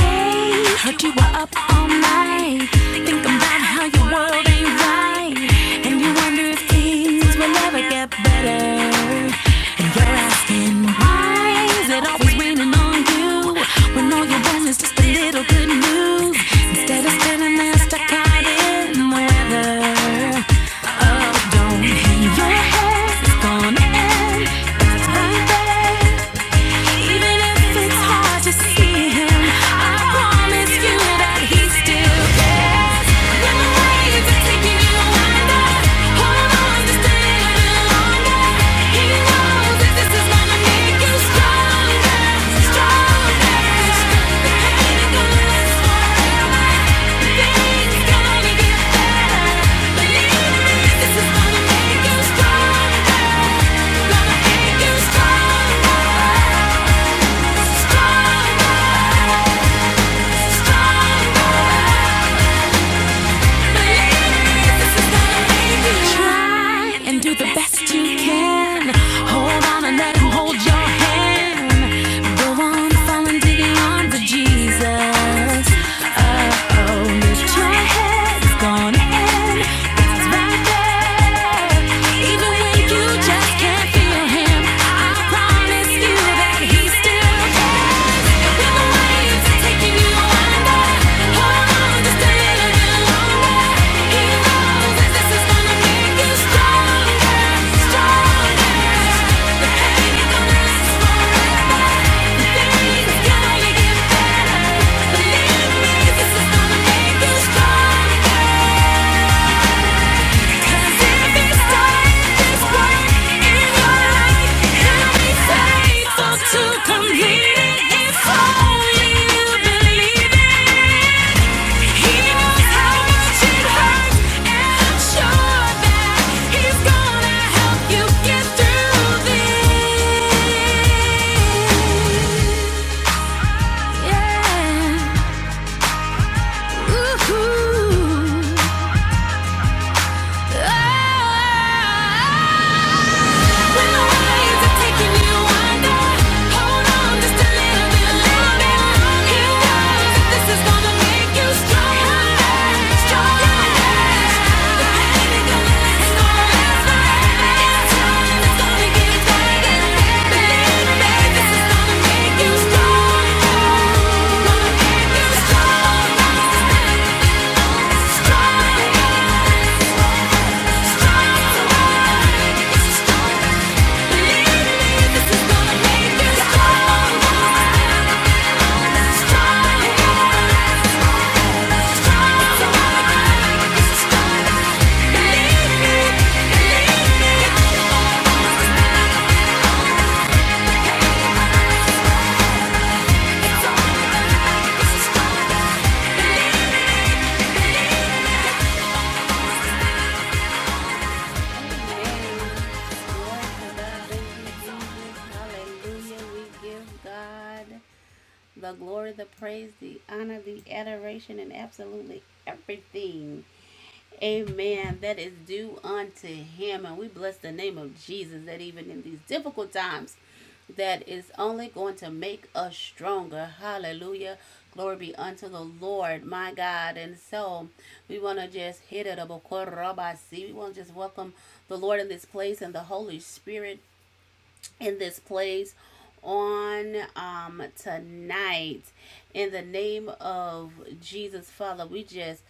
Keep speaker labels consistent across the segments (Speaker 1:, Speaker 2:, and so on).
Speaker 1: Hey, heard you were up all night, thinking about how your world ain't right, and you wonder if things will ever get better. And you're asking why is it always raining on you when all you want is just a little good news instead of standing there stuck out in the weather. Oh, don't hang your head, it's gonna end. It's right there. Even if it's hard to see him, I promise you that he's still there. When the waves are taking you under, hold on just a little longer. He knows that this is gonna make you strong. Stronger, stronger, stronger. Try and do the best you can. Hold on and let him hold your hand. Go on, fall into the arms of Jesus. Uh oh, lift your head, it's gonna end. God's right there. Even when you just can't feel him, I promise you. Believe me, this is gonna make you stronger. Yeah. Ooh. Oh. Let's go. Believe me, believe me.
Speaker 2: Amen. Glory to God. Thank you, Jesus. Hallelujah. We give God the glory, the praise, the honor, the adoration, and absolutely everything. Amen. That is due unto him. And we bless the name of Jesus that even in these difficult times, that is only going to make us stronger. Hallelujah. Glory be unto the Lord, my God. And so we want to just hit it up. We want to just welcome the Lord in this place and the Holy Spirit in this place on um tonight in the name of Jesus Father we just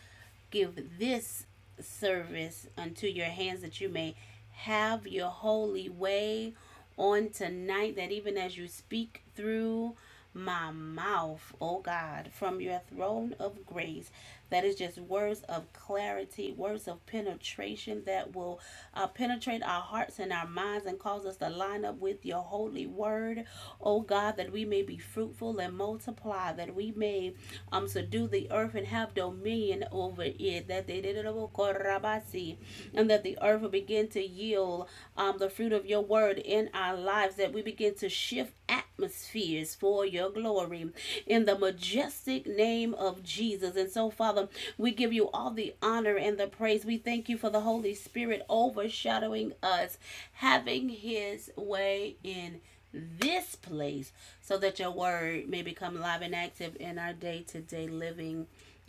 Speaker 2: give this service unto your hands that you may have your holy way on tonight that even as you speak through my mouth, oh God, from your throne of grace, that is just words of clarity, words of penetration that will uh, penetrate our hearts and our minds and cause us to line up with your holy word, oh God, that we may be fruitful and multiply, that we may um, subdue the earth and have dominion over it. That they did it and that the earth will begin to yield um, the fruit of your word in our lives, that we begin to shift atmospheres for your glory in the majestic name of Jesus. And so, Father, we give you all the honor and the praise. We thank you for the Holy Spirit overshadowing us, having his way in this place so that your word may become live and active in our day to day living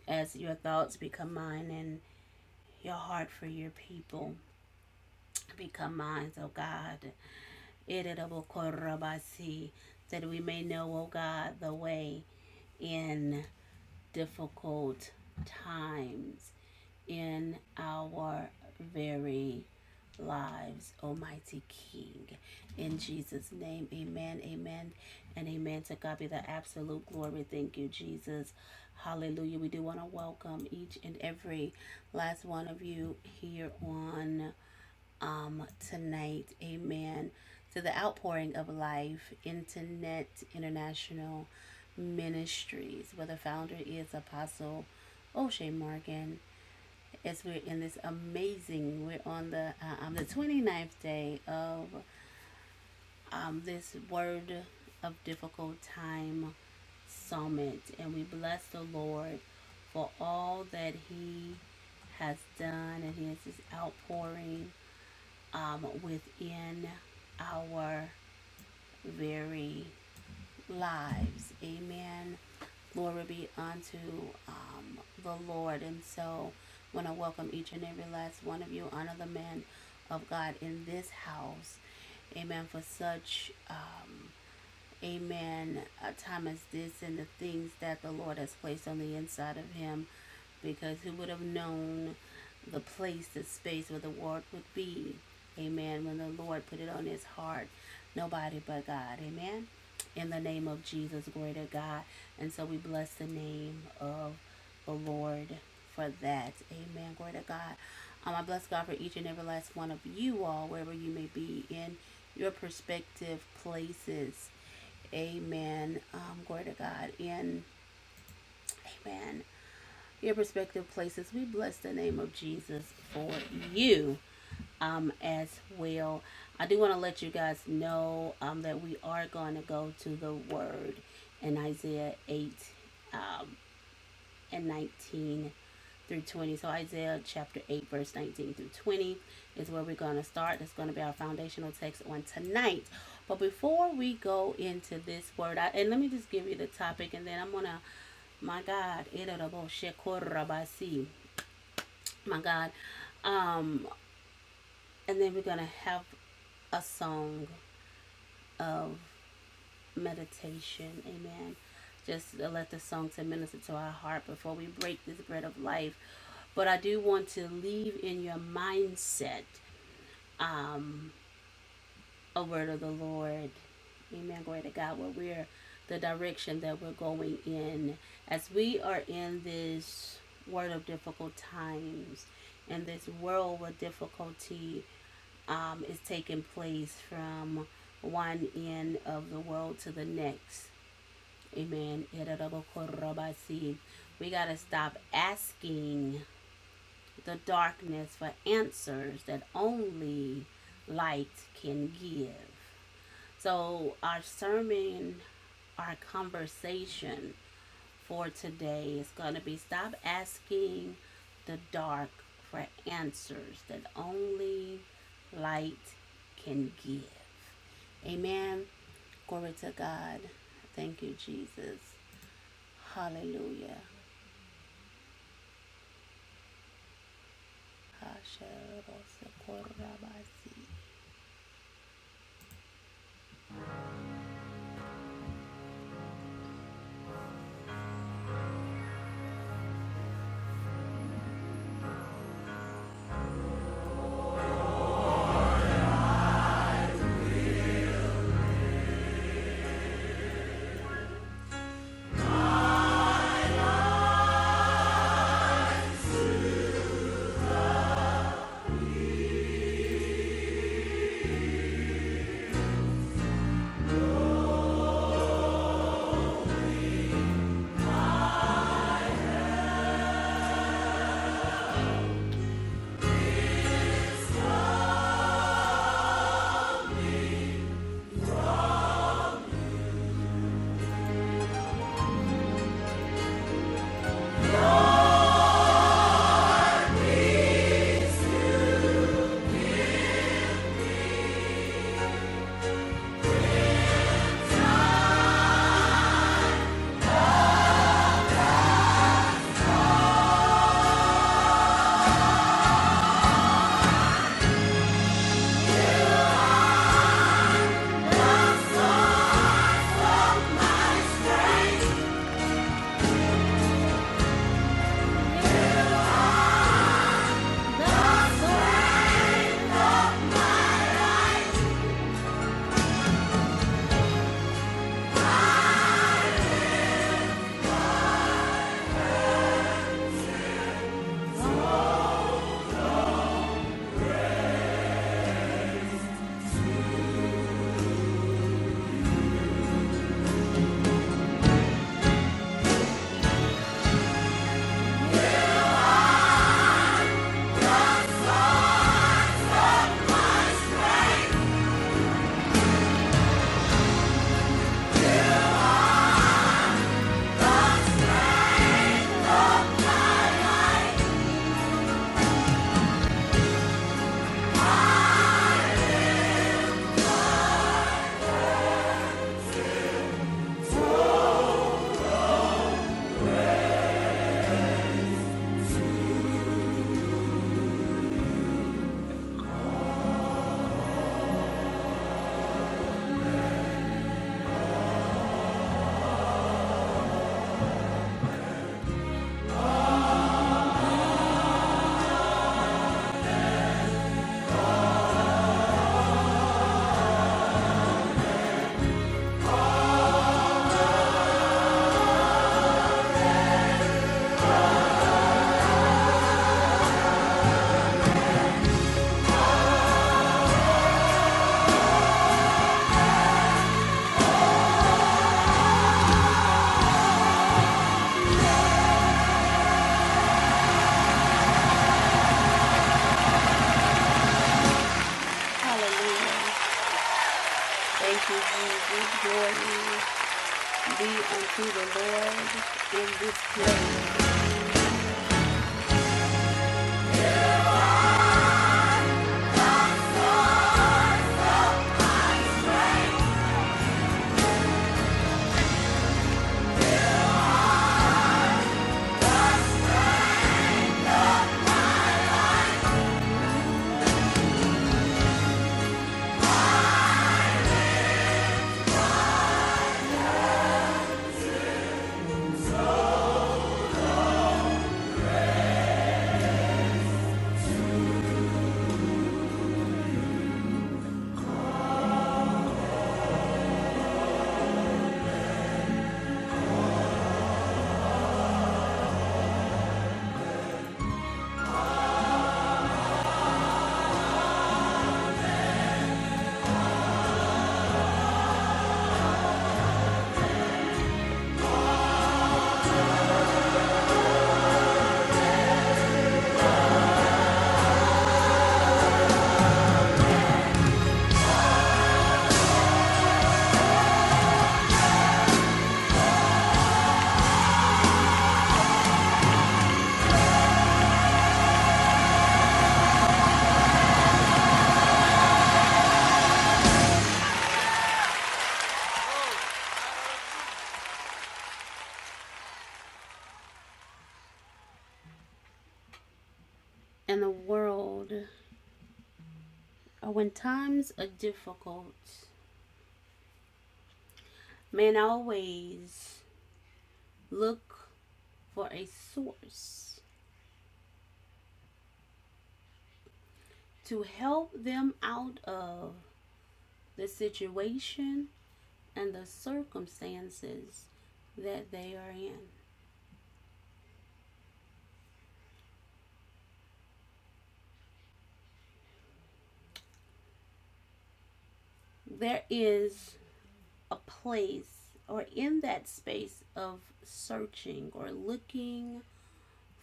Speaker 2: as your thoughts become mine and your heart for your people. Become mine, O God. irritable That we may know, O God, the way in difficult times in our very lives, Almighty King. In Jesus' name, amen, amen, and amen. To God be the absolute glory. Thank you, Jesus. Hallelujah. We do want to welcome each and every last one of you here on um, tonight. Amen. To the outpouring of life, Internet International Ministries, where the founder is Apostle O'Shea Morgan. As we're in this amazing, we're on the uh, um, the ninth day of um, this Word of Difficult Time Summit, and we bless the Lord for all that He has done and His outpouring um, within our very lives. Amen. Glory be unto um, the Lord. And so, I want to welcome each and every last one of you, honor the man of God in this house. Amen. For such. Um, amen, a time as this and the things that the Lord has placed on the inside of him because he would have known the place, the space where the word would be. Amen. When the Lord put it on his heart, nobody but God. Amen. In the name of Jesus, glory to God. And so we bless the name of the Lord for that. Amen. Glory to God. Um, I bless God for each and every last one of you all, wherever you may be in your prospective places. Amen. Um, glory to God. And amen. Your respective places, we bless the name of Jesus for you um, as well. I do want to let you guys know um, that we are going to go to the Word in Isaiah 8. Um, and 19 through 20. So Isaiah chapter 8, verse 19 through 20 is where we're going to start. That's going to be our foundational text on tonight. But before we go into this word, I, and let me just give you the topic, and then I'm going to, my God, my God. Um, and then we're going to have a song of meditation. Amen. Just to let the song to minister to our heart before we break this bread of life. But I do want to leave in your mindset a word of the Lord. Amen. Glory to God. Where we're the direction that we're going in. As we are in this world of difficult times, in this world where difficulty um, is taking place from one end of the world to the next. Amen. Ererorokorobasi. We got to stop asking the darkness for answers that only light can give. So, our sermon, our conversation for today is going to be stop asking the dark for answers that only light can give. Amen. Glory to God. Thank you, Jesus. Hallelujah. Hallelujah. Thank you, Jesus. Glory be unto the Lord in this place. In the world, uh, when times are difficult, man always look for a source to help them out of the situation and the circumstances that they are in. there is a place or in that space of searching or looking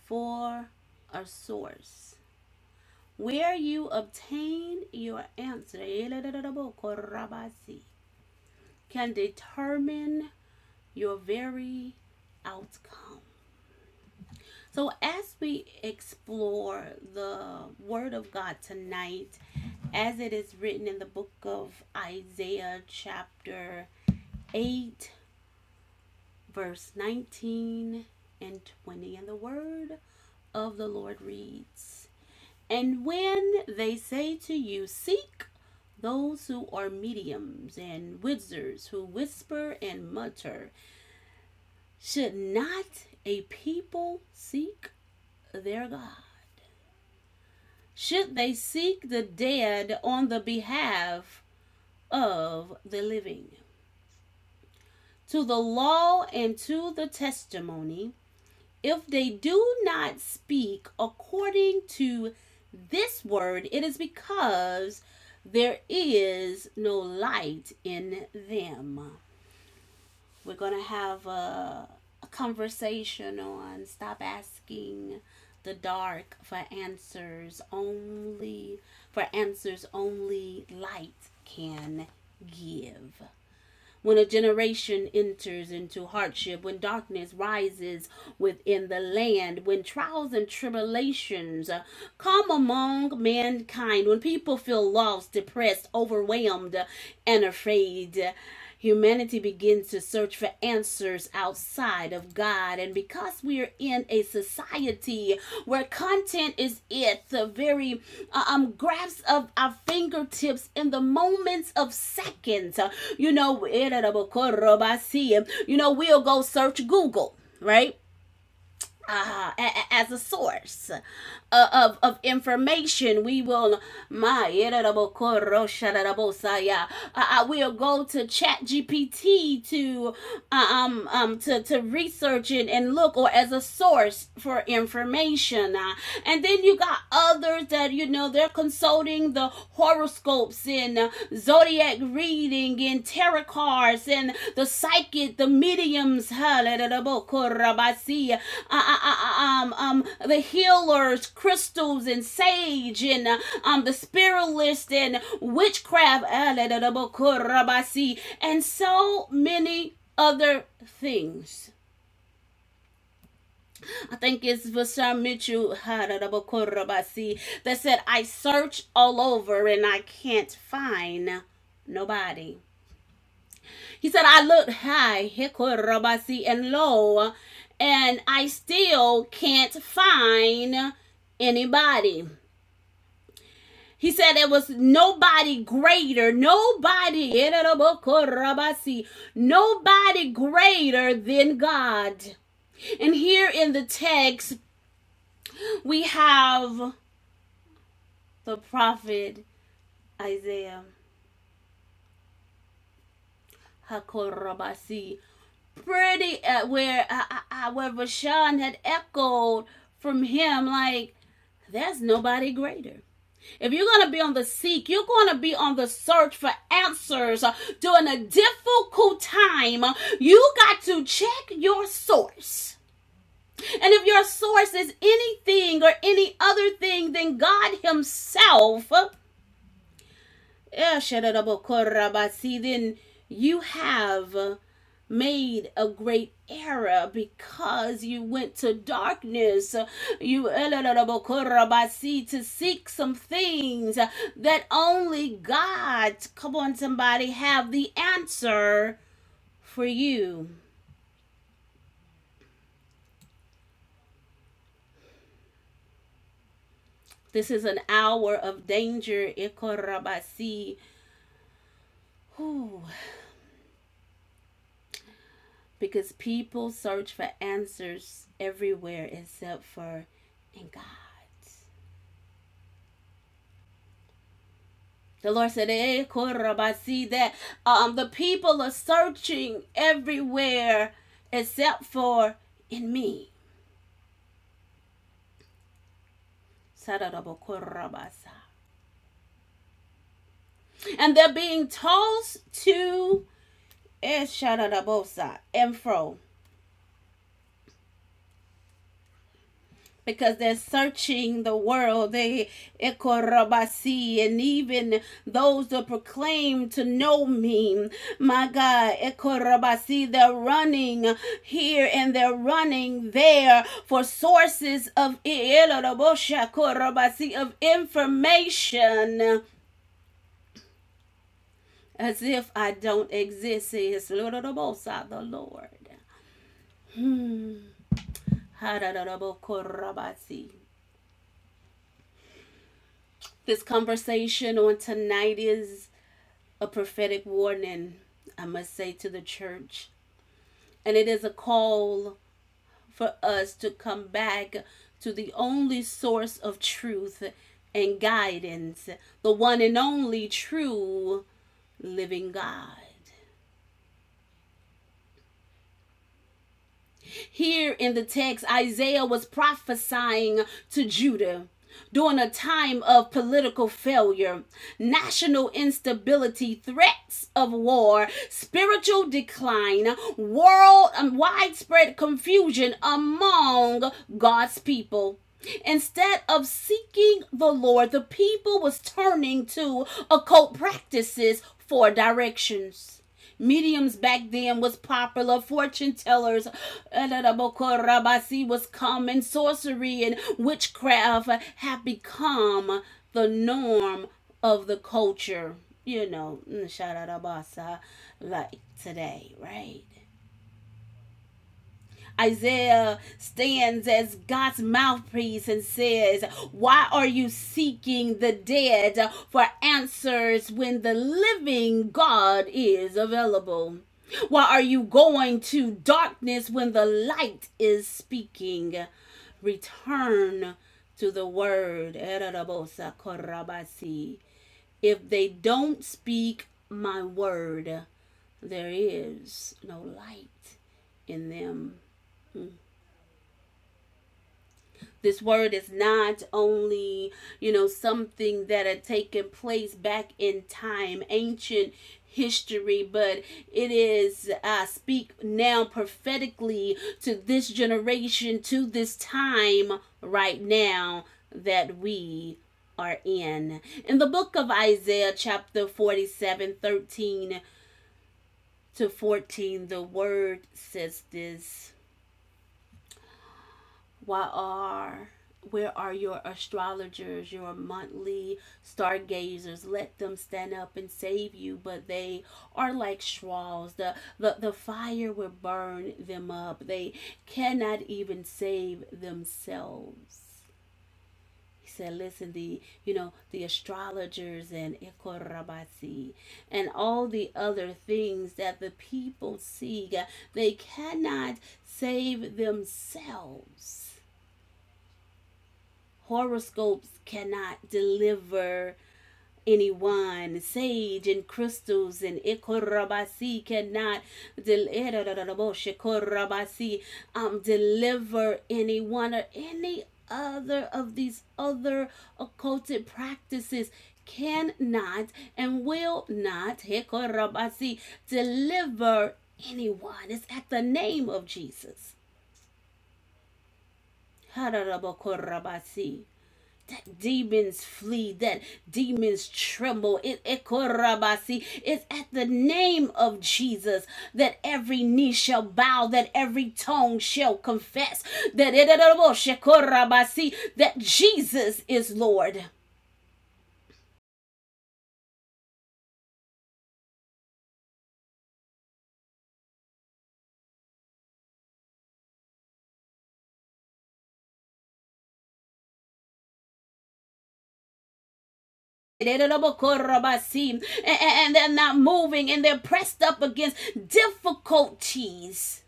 Speaker 2: for a source where you obtain your answer can determine your very outcome. So, as we explore the Word of God tonight, as it is written in the book of Isaiah, chapter 8, verse 19 and 20. And the word of the Lord reads And when they say to you, Seek those who are mediums and wizards who whisper and mutter, should not a people seek their God? Should they seek the dead on the behalf of the living? To the law and to the testimony, If they do not speak according to this word, it is because there is no light in them. We're going to have a, a conversation on stop asking the dark for answers only for answers only light can give when a generation enters into hardship, when darkness rises within the land, when trials and tribulations uh, come among mankind, when people feel lost, depressed, overwhelmed, uh, and afraid. Humanity begins to search for answers answers outside of God. And because we are in a society where content is it, the very uh, um, grasp of our fingertips in the moments of seconds, uh, you know, you know, we'll go search Google, right? uh, as a source uh, of, of information. We will, my, uh, I will go to chat GPT to, uh, um, um, to, to research it and look or as a source for information. Uh, and then you got others that, you know, they're consulting the horoscope horoscopes and zodiac reading and tarot cards and the psychic, the mediums, um, um, the healers, crystals and sage and uh, um, the spiritualist and witchcraft, and so many other things. I think it's Vashon Mitchell Haradabakorabasi, that said, I search all over and I can't find nobody. He said, I looked high, Hikorabasi, and low, and I still can't find anybody. He said there was nobody greater, nobody, Hikorabasi, nobody greater than God. And here in the text, we have the prophet Isaiah Hakorabasi. Pretty uh, where uh, uh, uh, where Bashan had echoed from him like there's nobody greater. If you're going to be on the seek, you're going to be on the search for answers uh, during a difficult time. uh, You got to check your source. And if your source is anything or any other thing than God Himself, uh, Eh, shadadabokorabasi, then you have made a great error because you went to darkness. You eladabokorabasi, to seek some things that only God, come on, somebody, have the answer for you. This is an hour of danger. Ikorabasi. Whew. because people search for answers everywhere except for in God. The Lord said, "Eh, korabasi," that um, the people are searching everywhere except for in me. And they're being tossed to eh, shararabosa and fro because they're searching the world. They ekorabasi, and even those that proclaim to know me, my God, ekorabasi, they're running here and they're running there for sources of eloraboshakorabasi, of information. As if I don't exist, says Lororobosa, the Lord. Harararabokorabasi. This conversation on tonight is a prophetic warning, I must say, to the church. And it is a call for us to come back to the only source of truth and guidance, the one and only true living God. Here in the text, Isaiah was prophesying to Judah during a time of political failure, national instability, threats of war, spiritual decline, world um, widespread confusion among God's people. Instead of seeking the Lord, the people was turning to occult practices for directions. Mediums back then was popular. Fortune tellers was common. Sorcery and witchcraft have become the norm of the culture. You know, mm, shout out Abasa, like today, right? Isaiah stands as God's mouthpiece and says, Why are you seeking the dead for answers when the living God is available? Why are you going to darkness when the light is speaking? Return to the word. If they don't speak my word, there is no light in them. This word is not only, you know, something that had taken place back in time, ancient history, but it is, I uh, speak now prophetically to this generation, to this time right now that we are in. In the book of Isaiah, chapter 47, 13 to 14, the word says this What are where are your astrologers, your monthly stargazers? Let them stand up and save you, but they are like straws. The the, the fire will burn them up. They cannot even save themselves. He said, listen, the you know, the astrologers and Ekorabasi and all the other things that the people seek, they cannot save themselves horoscopes cannot deliver any wine, sage and crystals and ikorabasi cannot del- eh, um, deliver anyone or any other of these other occulted practices cannot and will not hikorabasi, deliver anyone. It's at the name of Jesus. Hararabokorabasi that demons flee, that demons tremble. It, Ekorabasi. it's at the name of Jesus that every knee shall bow, that every tongue shall confess, that, Ekorabasi, that Jesus is Lord. Ekorabasi. And, they're not moving and they're pressed up against difficulties.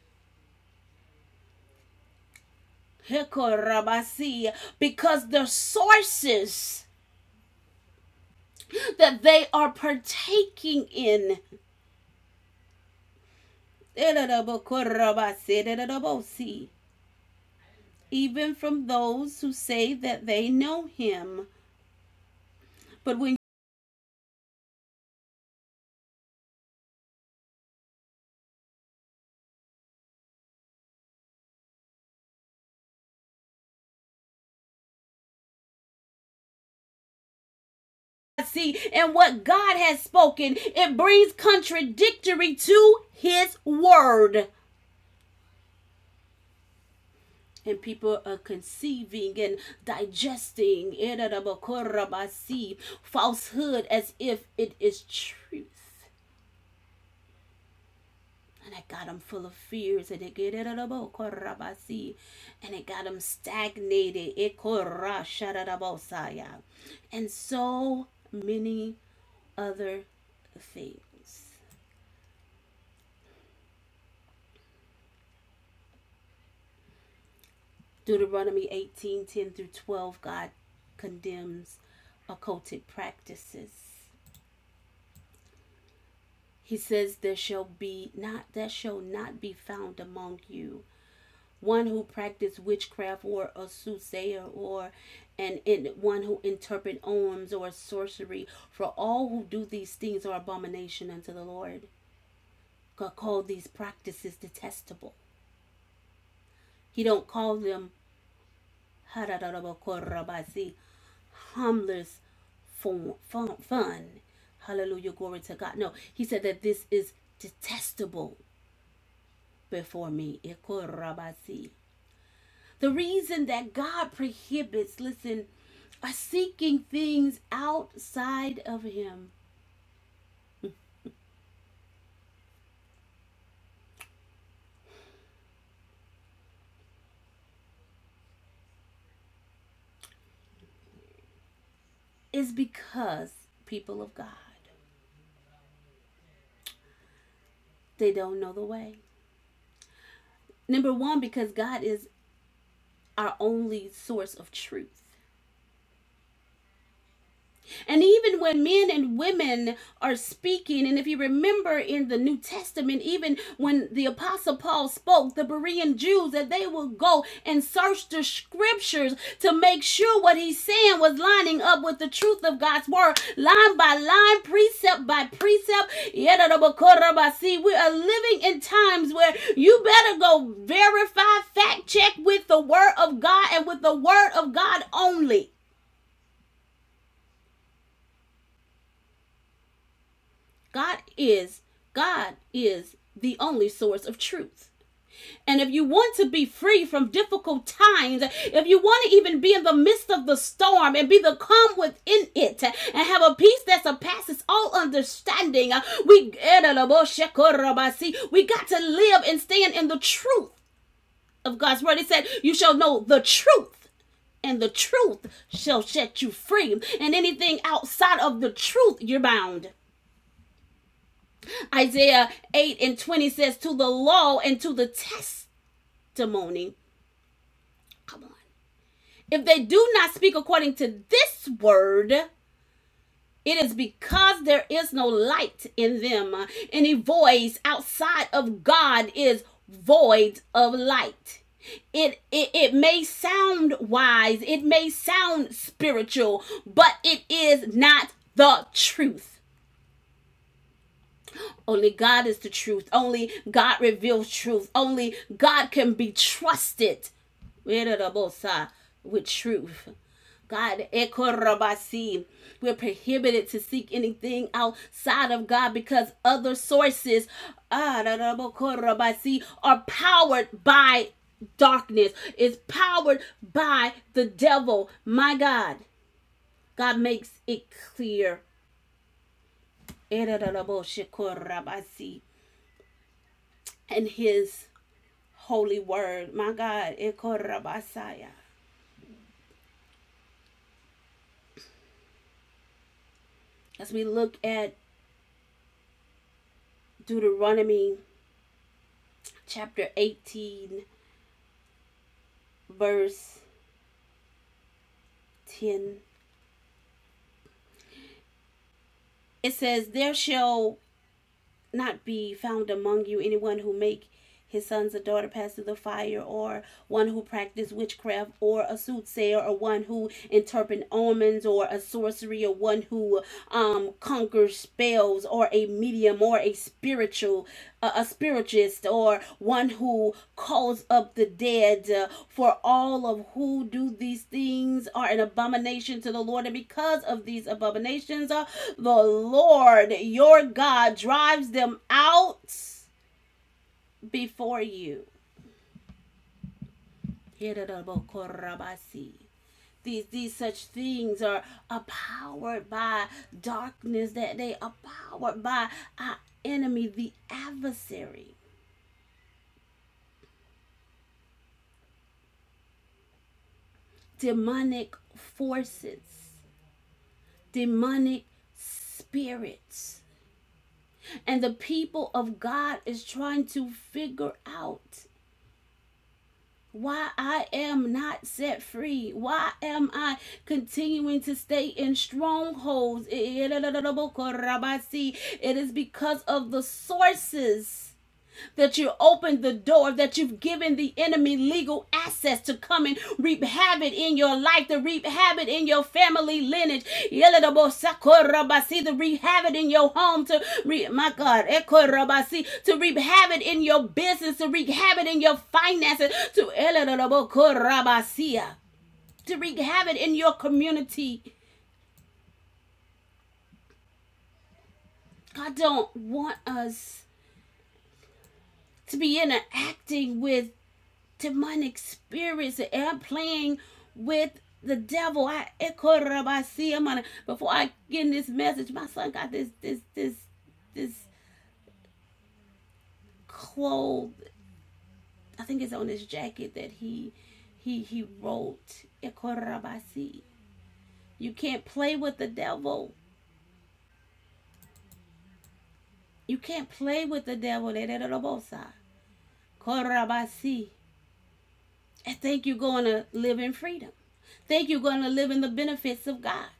Speaker 2: Ekorabasi. Because the sources that they are partaking in. even from those who say that they know him. But when you see and what God has spoken, it brings contradictory to his word. And people are conceiving and digesting falsehood as if it is truth. And it got him full of fears. And it get it a bo- korabasi. And it got him stagnated. It korra shadadabosaya. And so many other things. Deuteronomy 18 10 through 12, God condemns occulted practices. He says, There shall be not that shall not be found among you one who practiced witchcraft or a soothsayer or and, in one who interpret omens or sorcery for all who do these things are abomination unto the lord god called these practices detestable he don't call them harmless fun, fun, fun. hallelujah glory to god no he said that this is detestable before me The reason that God prohibits, listen, are seeking things outside of Him is because people of God, they don't know the way. Number one, because God is our only source of truth. And even when men and women are speaking, and if you remember in the New Testament, even when the Apostle Paul spoke, the Berean Jews, that they would go and search the scriptures to make sure what he's saying was lining up with the truth of God's word, line by line, precept by precept. We are living in times where you better go verify, fact check with the word of God and with the word of God only. God is God is the only source of truth. And if you want to be free from difficult times, if you want to even be in the midst of the storm and be the calm within it and have a peace that surpasses all understanding, we, we got to live and stand in the truth of God's word. It said, You shall know the truth and the truth shall set you free. And anything outside of the truth, you're bound. Isaiah 8 and 20 says, To the law and to the testimony. Come on. If they do not speak according to this word, it is because there is no light in them. Any voice outside of God is void of light. It, it it may sound wise, it may sound spiritual, but it is not the truth. Only God is the truth. Only God reveals truth. Only God can be trusted with truth. God, ekorabasi. we're prohibited to seek anything outside of God because other sources ah, are powered by darkness, is powered by the devil. My God, God makes it clear. And his holy word. My God, Ekorabasaya. As we look at Deuteronomy chapter 18, verse 10, it says, There shall not be found among you anyone who make his sons or daughter pass through the fire, or one who practice witchcraft, or a soothsayer, or one who interpret omens, or a sorcery, or one who um, conquers spells, or a medium, or a spiritual a, a spiritist or one who calls up the dead uh, for all of who do these things are an abomination to the lord and because of these abominations uh, the lord your god drives them out before you these, these such things are empowered by darkness that they are powered by our enemy the adversary demonic forces, demonic spirits. And the people of God is trying to figure out why I am not set free. Why am I continuing to stay in strongholds? It is because of the sources that you opened the door, that you've given the enemy legal access to come and reap havoc in your life, to reap havoc in your family lineage. To reap havoc in your home, to reap, my God, to reap havoc in your business, to reap havoc in your finances, to eledabokorabasia, to wreak havoc in your community. God don't want us to be interacting with demonic spirits and playing with the devil. I ekorabasiyamana. before I get in this message, my son got this this this this cloth. I think it's on his jacket that he he he wrote ekorabasi. You can't play with the devil. You can't play with the devil. Dededorobosa. Korabasi. I think you're going to live in freedom. Think you're going to live in the benefits of God.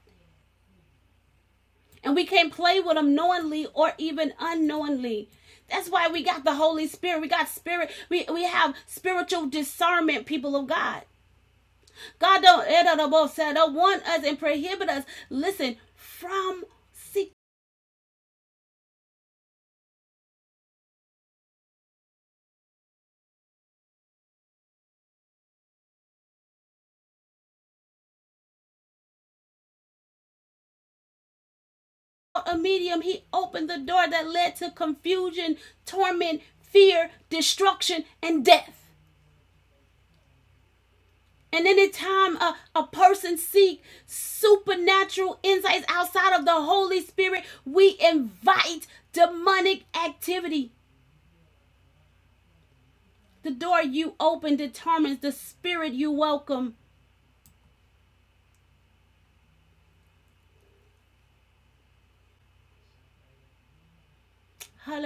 Speaker 2: And we can't play with them knowingly or even unknowingly. That's why we got the Holy Spirit. We got spirit. We, we have spiritual discernment, people of God. God don't, eh, don't, don't want us and prohibit us. Listen, from seeking a medium, he opened the door that led to confusion, torment, fear, destruction, and death. And anytime a, a person seeks supernatural insights outside of the Holy Spirit, we invite demonic activity. The door you open determines the spirit you welcome. God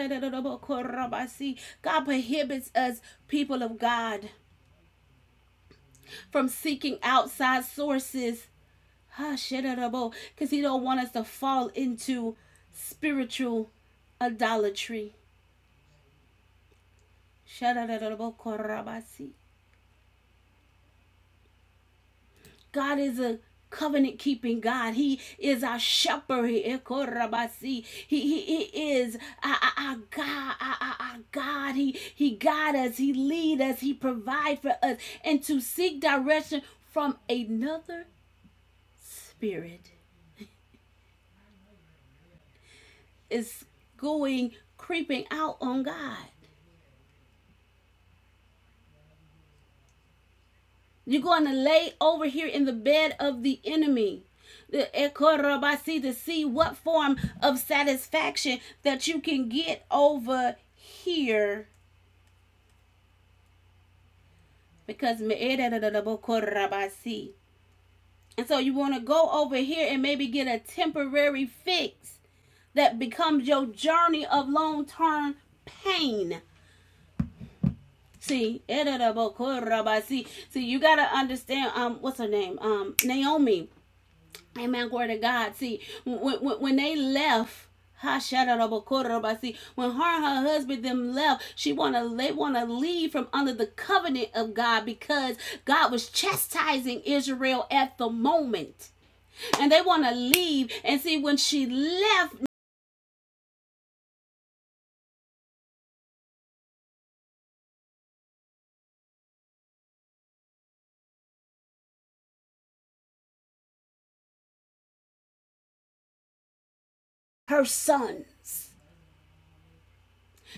Speaker 2: prohibits us, people of God, from seeking outside sources. Because he don't want us to fall into spiritual idolatry. God is a covenant keeping God. He is our shepherd. He He- he- is our, our- our God. Our, our- our God. He, he guides us. He leads us. He provides for us. And to seek direction from another spirit is going creeping out on God. You're going to lay over here in the bed of the enemy. to see what form of satisfaction that you can get over here because and so you want to go over here and maybe get a temporary fix that becomes your journey of long-term pain see see you got to understand um what's her name um naomi Amen. Glory to God. See, when, when, when they left, ha, shada da when her and her husband them left, she wanna they wanna leave from under the covenant of God because God was chastising Israel at the moment, and they wanna leave. And see, when she left, her sons.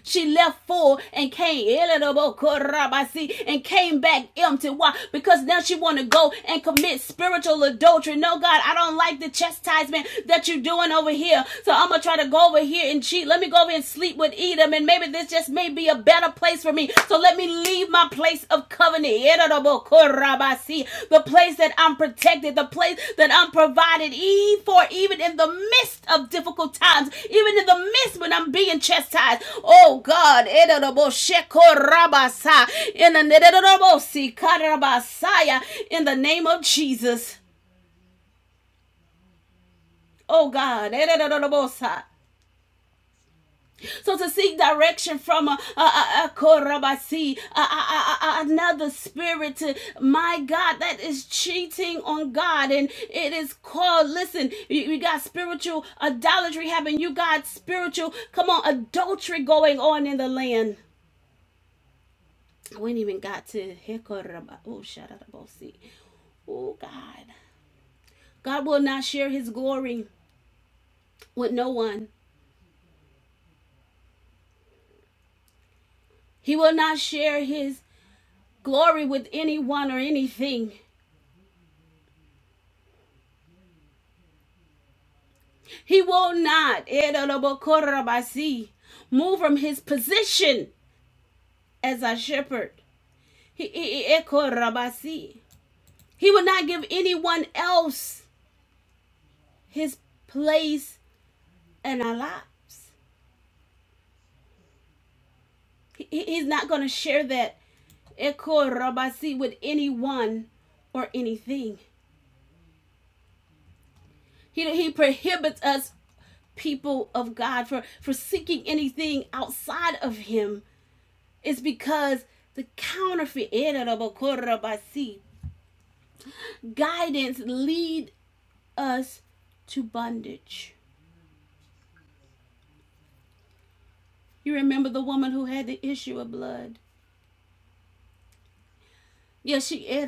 Speaker 2: She left full and came and came back empty. Why? Because now she want to go and commit spiritual adultery. No, God, I don't like the chastisement that you're doing over here. So I'm gonna try to go over here and cheat. Let me go over and sleep with Edom, and maybe this just may be a better place for me. So let me leave my place of covenant. The place that I'm protected, the place that I'm provided e- for, even in the midst of difficult times, even in the midst when I'm being chastised. Oh God, in the name of Jesus. Oh God, So to seek direction from a, a, a, a korabasi, a- another spirit, to, my God, that is cheating on God. And it is called, listen, you, you got spiritual idolatry happening. You got spiritual, come on, adultery going on in the land. We ain't even got to, hekoraba- oh, shadarabosi. Oh God. God will not share his glory with no one. He will not share his glory with anyone or anything. He will not Edodobokorabasi, move from his position as a shepherd. He will not give anyone else his place in our lives. He's not going to share that Ekorabasi with anyone or anything. He, he prohibits us, people of God, for, for seeking anything outside of Him. It's because the counterfeit guidance lead us to bondage. You remember the woman who had the issue of blood? Yes, Yeah, she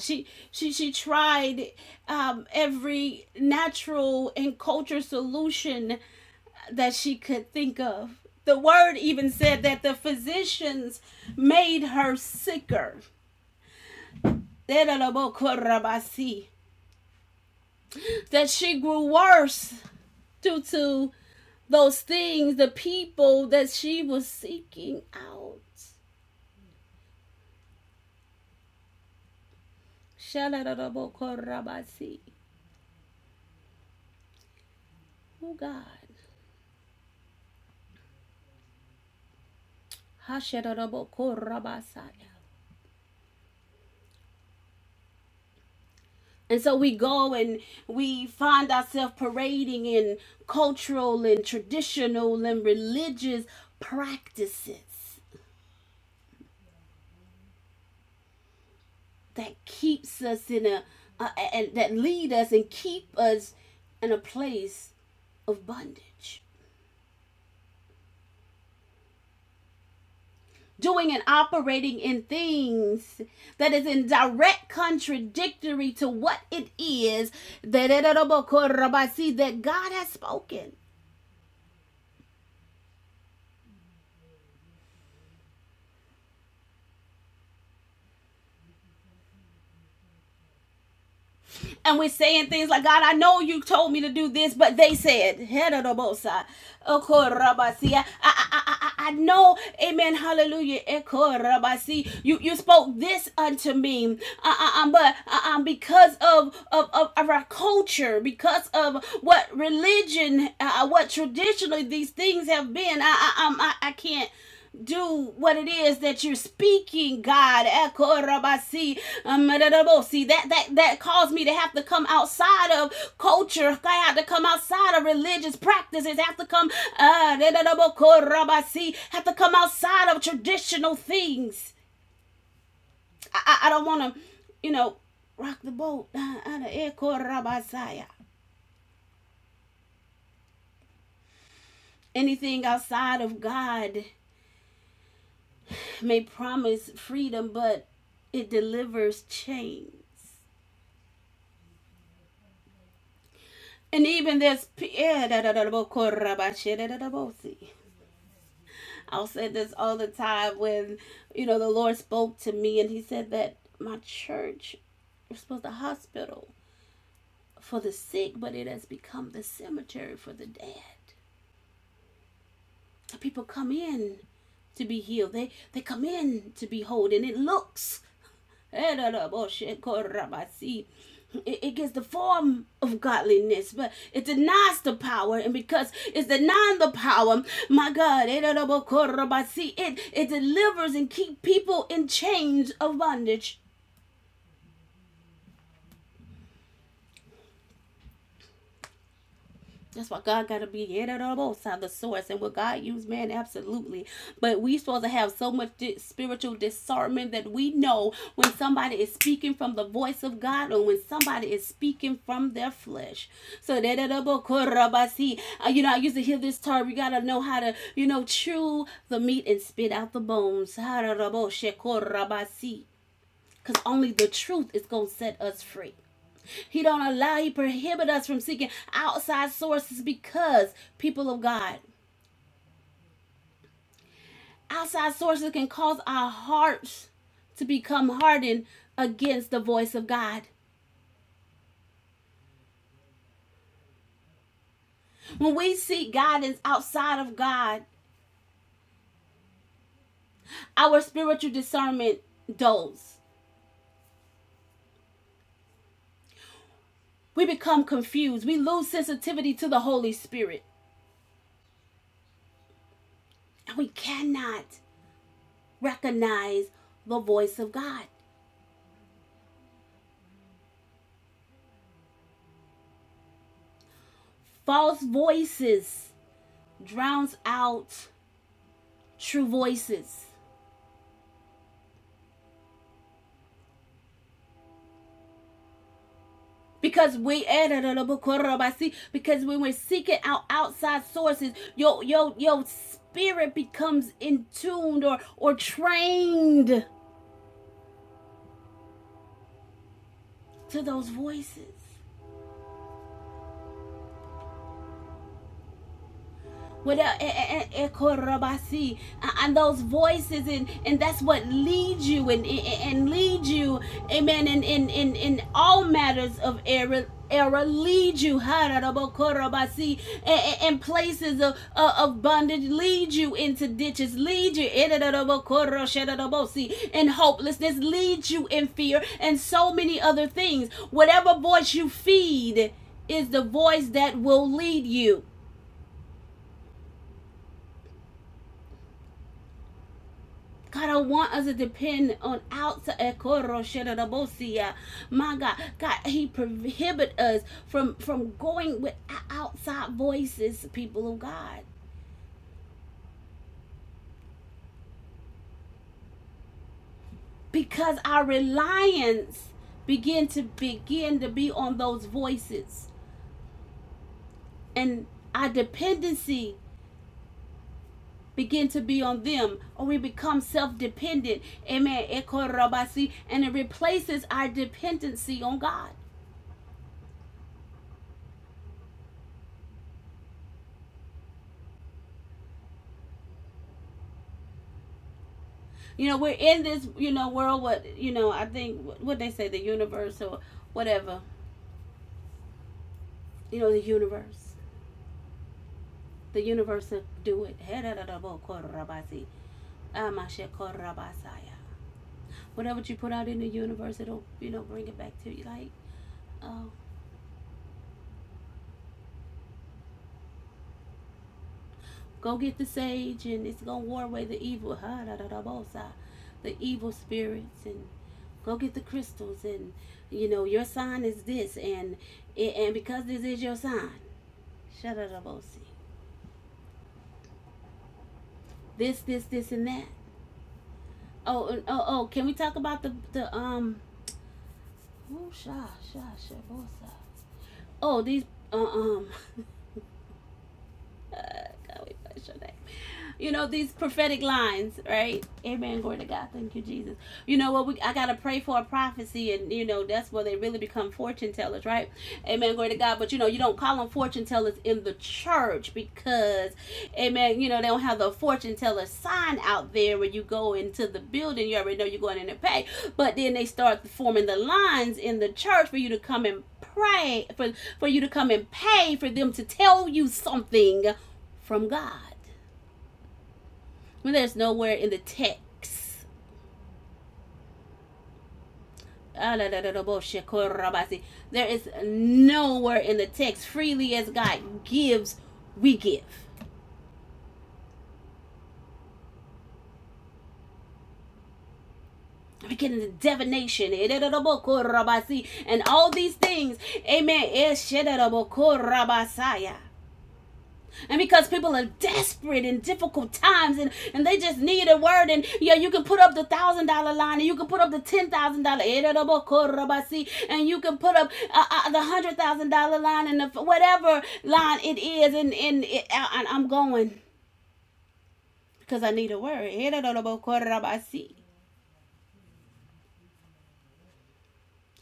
Speaker 2: She she she tried um, every natural and cultural solution that she could think of. The word even said that the physicians made her sicker. That she grew worse due to those things, the people that she was seeking out. Oh God. And so we go and we find ourselves parading in cultural and traditional and religious practices that keeps us in a uh, and that lead us and keep us in a place of bondage. doing and operating in things that is in direct contradictory to what it is that God has spoken. and we're saying things like, God, I know you told me to do this, but they said, Herodobosa, Okorabasia. I, know, amen, hallelujah, Ekorabasi. You, you spoke this unto me, uh, uh, uh, but uh, uh, because of, of, of, our culture, because of what religion, uh, uh, what traditionally these things have been, I, I, um, I, I can't do what it is that you're speaking, God. That that that caused me to have to come outside of culture. I had to come outside of religious practices. I Have to come, uh, have to come outside of traditional things. I, I, I don't want to, you know, rock the boat. Uh, uh, Anything outside of God may promise freedom, but it delivers chains. And even this, I'll say this all the time when, you know, the Lord spoke to me and he said that my church was supposed to hospital for the sick, but it has become the cemetery for the dead. People come in to be healed. They they come in to be whole and it looks It, it gives the form of godliness, but it denies the power. And because it's denying the power, my God, it, it delivers and keep people in chains of bondage. That's why God gotta be the Elohim, the source, and will God use man? Absolutely. But we supposed to have so much di- spiritual discernment that we know when somebody is speaking from the voice of God or when somebody is speaking from their flesh. So Uh, You know, I used to hear this term. You gotta know how to, you know, chew the meat and spit out the bones. Because only the truth is gonna set us free. He don't allow, he prohibit us from seeking outside sources because people of God, outside sources can cause our hearts to become hardened against the voice of God. When we seek guidance outside of God, our spiritual discernment dulls. We become confused. We lose sensitivity to the Holy Spirit. And we cannot recognize the voice of God. False voices drowns out true voices. Because we because when we're seeking out outside sources, your your your spirit becomes in tuned or or trained to those voices. What el- e- e- e- A- and those voices and and that's what leads you and and and lead you amen in in in, in all matters of error error lead you hararabokorobasi, a- a- in places of, of bondage lead you into ditches lead you erarabokoroshadarabosi, in hopelessness lead you in fear and so many other things whatever voice you feed is the voice that will lead you God, I want us to depend on outside. Ekoro shedadabosia. My God, God, He prohibit us from from going with outside voices, people of God, because our reliance begin to begin to be on those voices, and our dependency begin to be on them, or we become self-dependent. Amen. Ekorobasi, And it replaces our dependency on God. You know, we're in this, you know, world. What you know, I think what they say, the universe or whatever. You know, the universe, the universe will do it. Whatever you put out in the universe, it'll you know bring it back to you. Like, oh, go get the sage, and it's gonna ward away the evil, the evil spirits, and go get the crystals, and you know your sign is this, and and because this is your sign, shut up, O C. this, this, this, and that. Oh, oh, oh! Can we talk about the the um? Oh, sha, sha, sha, Oh, these uh, um. uh, God, wait, what's your name? You know these prophetic lines, right? Amen. Glory to God. Thank you, Jesus. You know what? We I gotta pray for a prophecy, and you know that's where they really become fortune tellers, right? Amen. Glory to God. But you know you don't call them fortune tellers in the church because Amen. You know, they don't have the fortune teller sign out there when you go into the building. You already know you're going in to pay. But then they start forming the lines in the church for you to come and pray, for, for you to come and pay, for them to tell you something from God. When there's nowhere in the text, there is nowhere in the text, freely as God gives, we give. We get into divination, and all these things. Amen. And because people are desperate in difficult times and, and they just need a word, and yeah, you can put up the thousand dollar line and you can put up the ten thousand dollar and you can put up uh, uh, the hundred thousand dollar line and the whatever line it is. And, and, it, and I'm going because I need a word.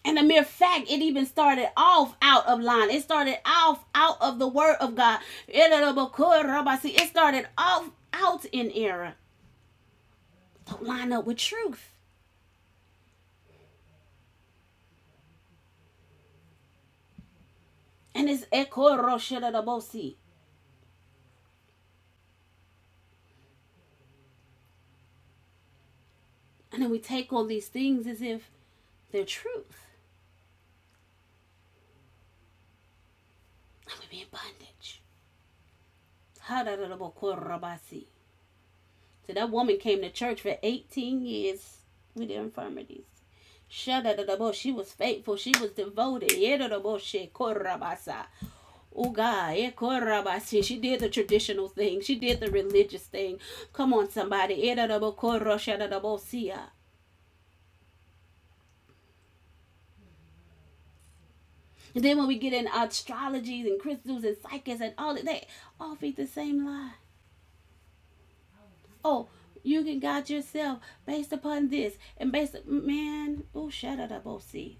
Speaker 2: And the mere fact, it even started off out of line. It started off out of the word of God. It started off out in error. Don't line up with truth. And it's ekorosheladabosi. And then we take all these things as if they're truth. And we be in bondage. Hadadadabokorabasi. So that woman came to church for 18 years with the infirmities. Shadadadabo, She was faithful. She was devoted. Yedadabo, she korabasa. Oh God, eh, korabasi. she did the traditional thing. She did the religious thing. Come on, somebody. Yedadabo, koro, shadadabo, siya. And then when we get in astrologies and crystals and psychics and all of that, all feed the same lie. Oh, you can guide yourself based upon this and based man. Oh, shut shadadabo, see.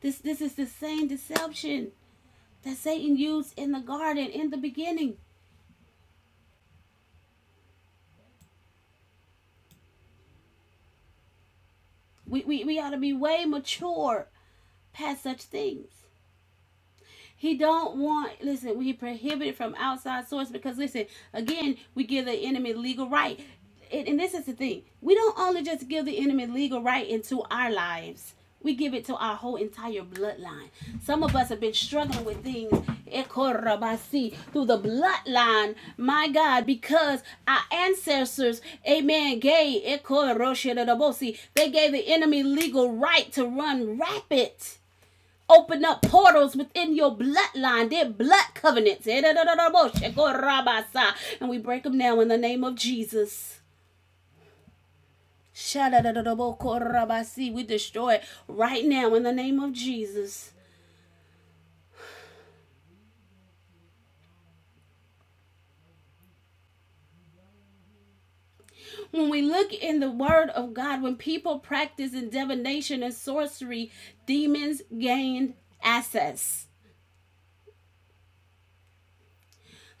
Speaker 2: This this is the same deception that Satan used in the garden in the beginning. We we, we ought to be way mature past such things. He don't want, listen, we prohibited from outside source because listen, again, we give the enemy legal right. And, and this is the thing. We don't only just give the enemy legal right into our lives. We give it to our whole entire bloodline. Some of us have been struggling with things ekorabasi, through the bloodline, my God, because our ancestors, amen, gave ekoroshedadabosi, they gave the enemy legal right to run rampant open up portals within your bloodline, their blood covenants. Eh, And we break them now in the name of Jesus. We destroy it right now in the name of Jesus. When we look in the word of God, when people practice in divination and sorcery, demons gained access.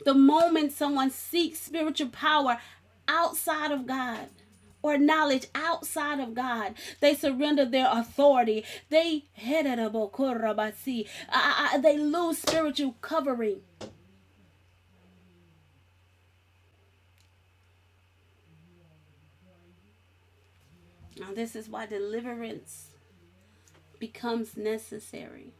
Speaker 2: The moment someone seeks spiritual power outside of God or knowledge outside of God, they surrender their authority. They heredabokorabasi. they lose spiritual covering. Now this is why deliverance becomes necessary.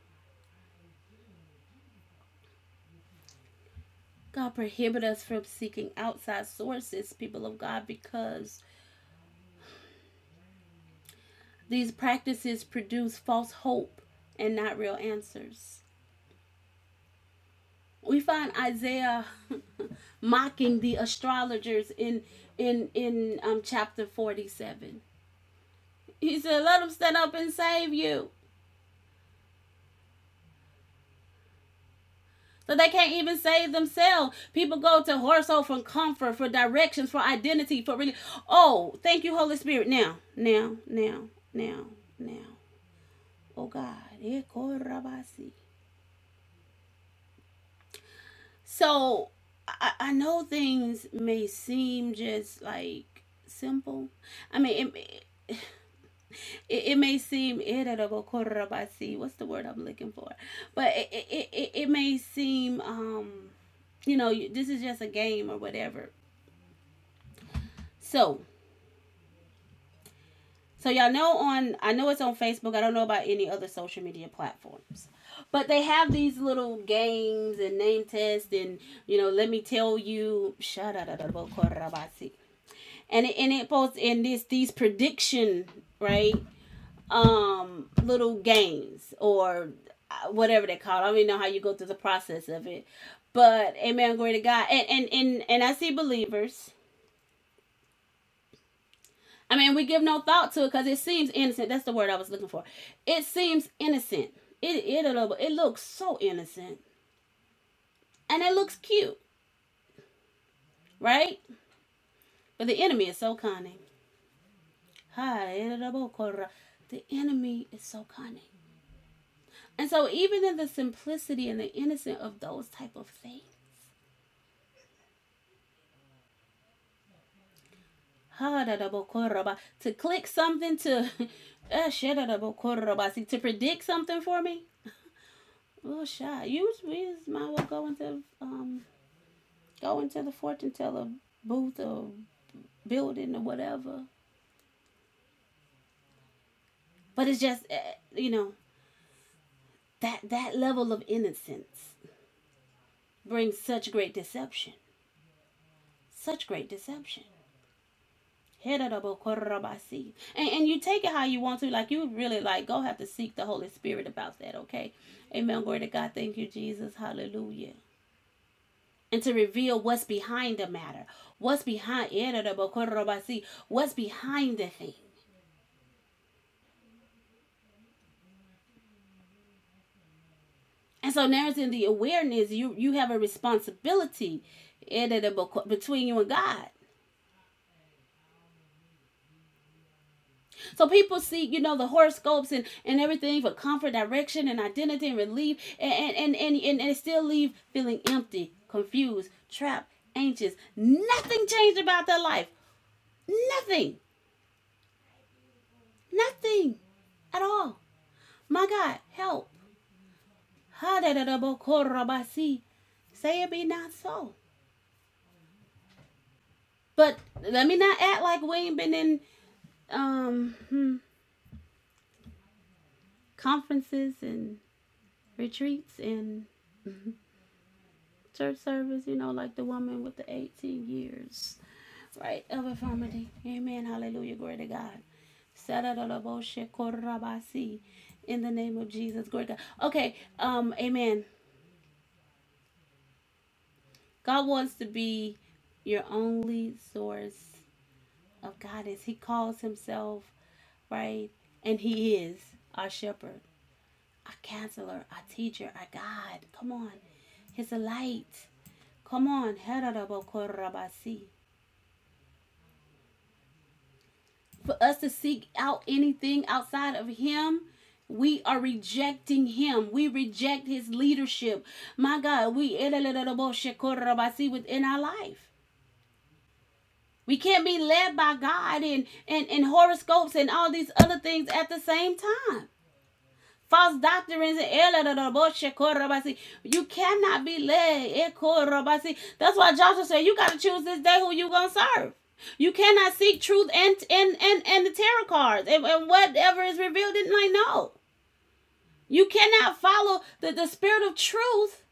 Speaker 2: God prohibit us from seeking outside sources, people of God, because these practices produce false hope and not real answers. we find Isaiah mocking the astrologers in in in um chapter 47. He said, "Let them stand up and save you." So they can't even save themselves. People go to Horso for comfort, for directions, for identity, for really. Oh, thank you, Holy Spirit. Now, now, now, now, now. Oh God. Eh, So I, I know things may seem just like simple. I mean, it, it, it may seem irarabasi, what's the word i'm looking for but it, it, it, it may seem um you know this is just a game or whatever so so y'all know on i know it's on facebook i don't know about any other social media platforms but they have these little games and name tests and you know let me tell you shadarabokorabasi. and it, and it posts in this these prediction right um little games or uh, whatever they call it. I don't even know how you go through the process of it. But amen, glory to God. And and and, and I see believers. I mean, we give no thought to it because it seems innocent. That's the word I was looking for. It seems innocent. It it it looks so innocent, and it looks cute, right? But the enemy is so cunning. Hi, it'll- The enemy is so cunning. And so even in the simplicity and the innocent of those type of things to click something to to predict something for me. Well, shy. You we just might well go into um go into the fortune teller booth or building or whatever. But it's just uh, you know that that level of innocence brings such great deception, such great deception. And, and you take it how you want to. Like you really like go have to seek the Holy Spirit about that, okay? Amen. Glory to God. Thank you, Jesus. Hallelujah. And to reveal what's behind the matter. What's behind Hedadobokorabasi, what's behind the thing. And so now it's in the awareness, you you have a responsibility Hedadoboko- between you and God. So people see, you know, the horoscopes and, and everything for comfort, direction, and identity and relief, and and, and, and and still leave feeling empty, confused, trapped, anxious. Nothing changed about their life. Nothing. Nothing at all. My God, help. ha da da bo ko Say it be not so. But let me not act like we ain't been in um hmm, conferences and retreats and church service, you know, like the woman with the 18 years, right, of infirmity. Amen. Hallelujah. Glory to God. In the name of Jesus. Glory to God. Okay. Um, amen. God wants to be your only source of guidance. He calls himself, right? And he is our shepherd, our counselor, our teacher, our God. Come on. He's a light. Come on. for us to seek out anything outside of Him, we are rejecting him. We reject his leadership. My God, we within our life. We can't be led by God and, and, and horoscopes and all these other things at the same time. False doctrines and error, you cannot be led. eh, That's why Joshua said you gotta choose this day who you gonna serve. You cannot seek truth and and and, and the tarot cards and, and whatever is revealed in like no. You cannot follow the, the spirit of truth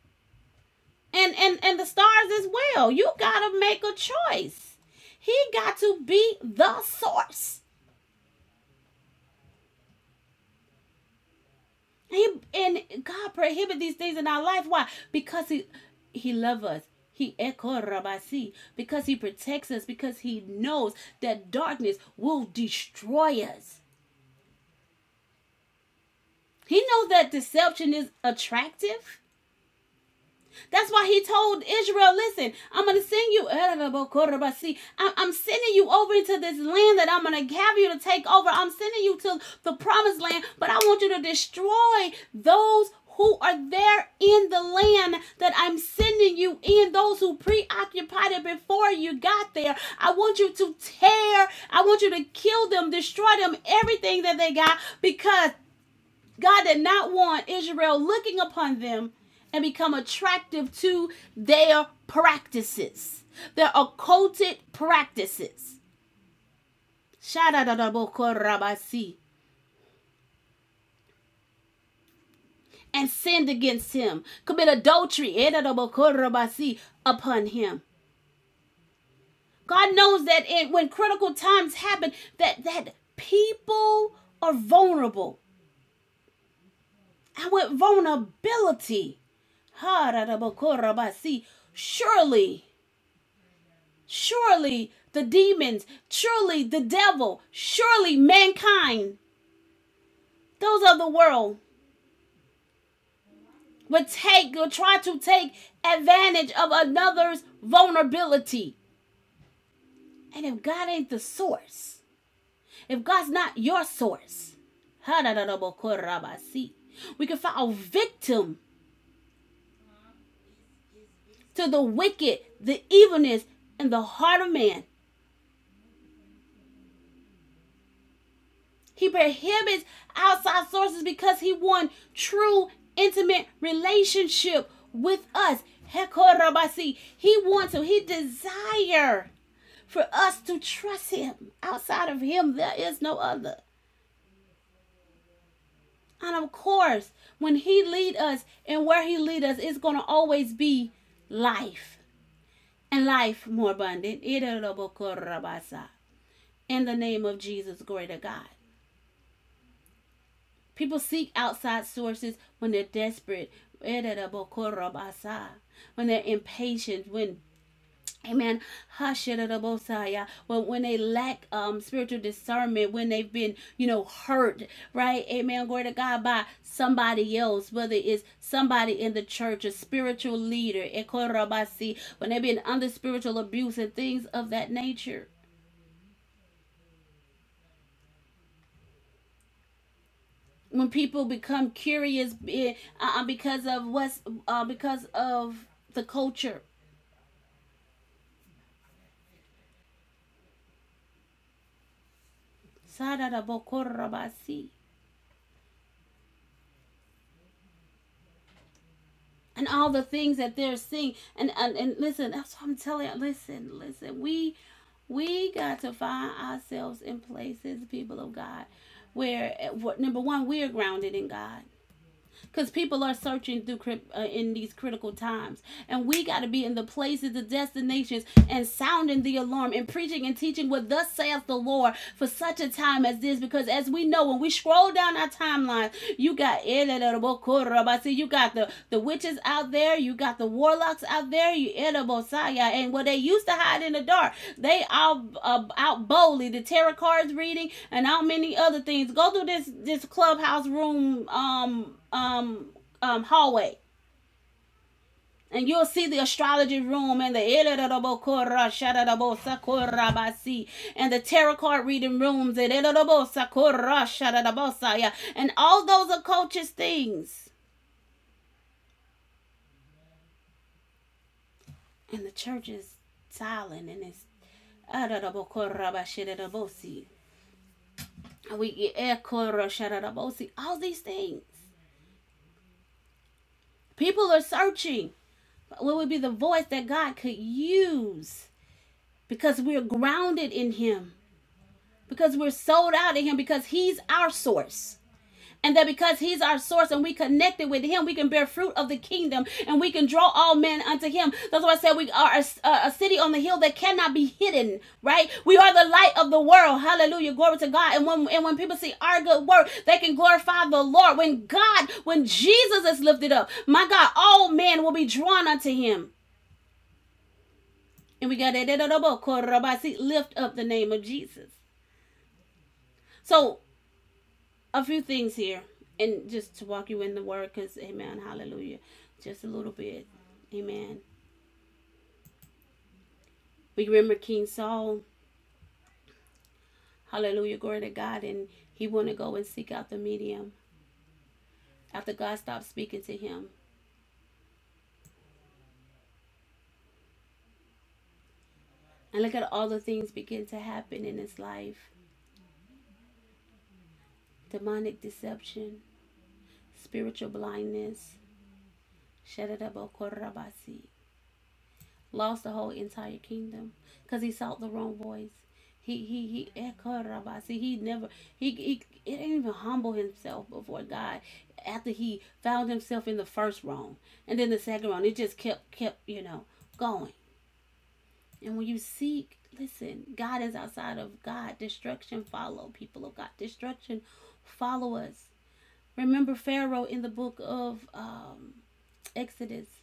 Speaker 2: and, and and the stars as well. You gotta make a choice. He got to be the source. He and God prohibit these things in our life. Why? Because he he loves us. He ekorabasi because he protects us because he knows that darkness will destroy us. He knows that deception is attractive. That's why he told Israel, listen, I'm going to send you. I- am sending you over into this land that I'm going to have you to take over. I'm sending you to the promised land, but I want you to destroy those who are there in the land that I'm sending you in, those who preoccupied it before you got there. I want you to tear, I want you to kill them, destroy them, everything that they got, because God did not want Israel looking upon them and become attractive to their practices, their occulted practices. And sinned against him, commit adultery upon him. God knows that it, when critical times happen, that, that people are vulnerable. And with vulnerability, surely Surely the demons, surely the devil, surely mankind, those of the world, would take or try to take advantage of another's vulnerability. And if God ain't the source, if God's not your source, We can fall victim to the wicked, the evilness, in the heart of man. He prohibits outside sources because he wants true intimate relationship with us. Hekorabasi. He wants to, he desires for us to trust him. Outside of him, there is no other. And of course, when he lead us and where he lead us, it's gonna always be life. And life more abundant. In the name of Jesus, greater God. People seek outside sources when they're desperate, when they're impatient, when Amen. Hashirabosaya. Well, when they lack um spiritual discernment, when they've been, you know, hurt, right? Amen. Glory to God by somebody else, whether it's somebody in the church, a spiritual leader, when they've been under spiritual abuse and things of that nature. when people become curious eh, uh, uh, because of what's uh, because of the culture and all the things that they're seeing and and, and listen that's what i'm telling you listen listen we we got to find ourselves in places people of god where eh, number one we are grounded in god because people are searching through uh, in these critical times, and we got to be in the places, the destinations, and sounding the alarm and preaching and teaching what thus saith the Lord for such a time as this. Because as we know, when we scroll down our timeline, you got you got the the witches out there, you got the warlocks out there, you and what they used to hide in the dark, they all uh, out boldly the tarot cards reading and how many other things. Go through this this clubhouse room um um um hallway and you'll see the astrology room and the and the tarot card reading rooms and all those occultist things. And the church is silent and it's And we get all these things. People are searching. What would be the voice that God could use? Because we're grounded in Him. because we're sold out to him because he's our source and that because he's our source and we connected with him we can bear fruit of the kingdom and we can draw all men unto him that's why i said we are a, a, city on the hill that cannot be hidden right we are the light of the world hallelujah glory to god and when and when people see our good work they can glorify the lord when god when jesus is lifted up my god all men will be drawn unto him and we got that lift up the name of jesus so a few things here, and just to walk you in the word, because Amen, Hallelujah, just a little bit, Amen. We remember King Saul, Hallelujah, glory to God, and he want to go and seek out the medium after God stopped speaking to him, and look at all the things begin to happen in his life: demonic deception, spiritual blindness. lost the whole entire kingdom because he sought the wrong voice. He he he echoed Rabasi. He never he he it didn't even humble himself before God after he found himself in the first wrong and then the second wrong. It just kept kept you know going. And when you seek, listen, God is outside of God. Destruction follow people of God. Destruction follow us. Remember Pharaoh in the book of um, Exodus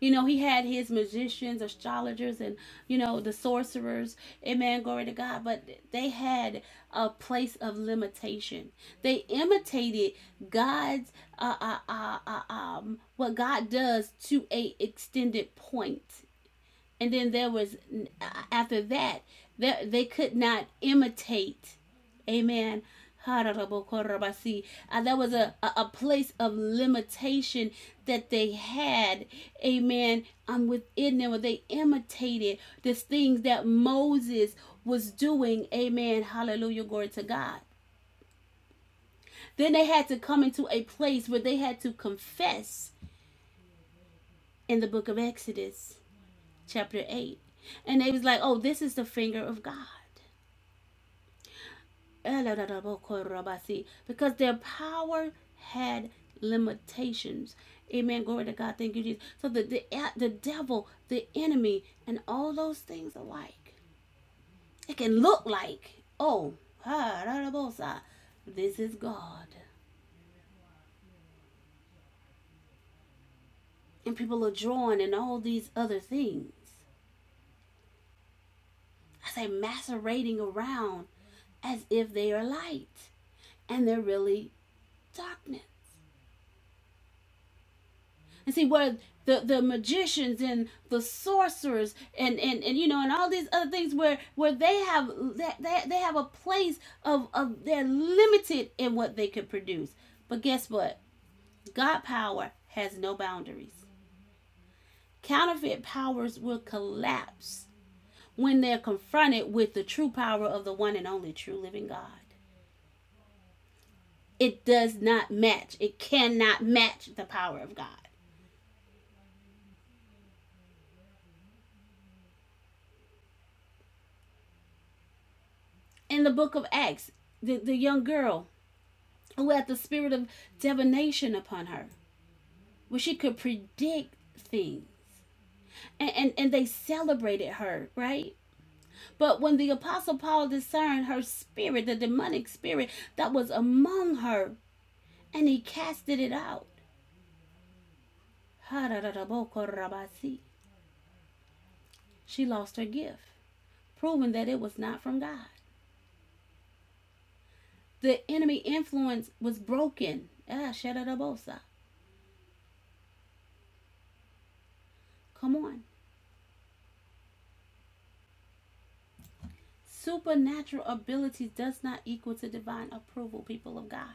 Speaker 2: You know, he had his magicians, astrologers, and, you know, the sorcerers. Amen. Glory to God. But they had a place of limitation. They imitated God's, uh, uh, uh, uh, um, what God does to a extended point and then there was after that they, they could not imitate amen Uh, that was a, a, a place of limitation that they had amen um, within them where they imitated these things that moses was doing amen hallelujah glory to god then they had to come into a place where they had to confess in the book of exodus chapter 8 and they was like oh this is the finger of god because their power had limitations. Amen. Glory to God. Thank you, Jesus. So the the, the devil, the enemy, and all those things alike. It can look like, oh, this is God. And people are drawing and all these other things. I say macerating around as if they are light and they're really darkness. And see where the, the magicians and the sorcerers and, and, and you know and all these other things where where they have that they, they, they have a place of, of they're limited in what they could produce. But guess what? God power has no boundaries. Counterfeit powers will collapse when they're confronted with the true power of the one and only true living God. It does not match. It cannot match the power of God. In the book of Acts, the, the young girl who had the spirit of divination upon her, where she could predict things. And, and, and they celebrated her, right? But when the Apostle Paul discerned her spirit, the demonic spirit that was among her, and he casted it out, she lost her gift, proving that it was not from God. The enemy influence was broken. Ah, Come on. Supernatural abilities does not equal to divine approval, people of God.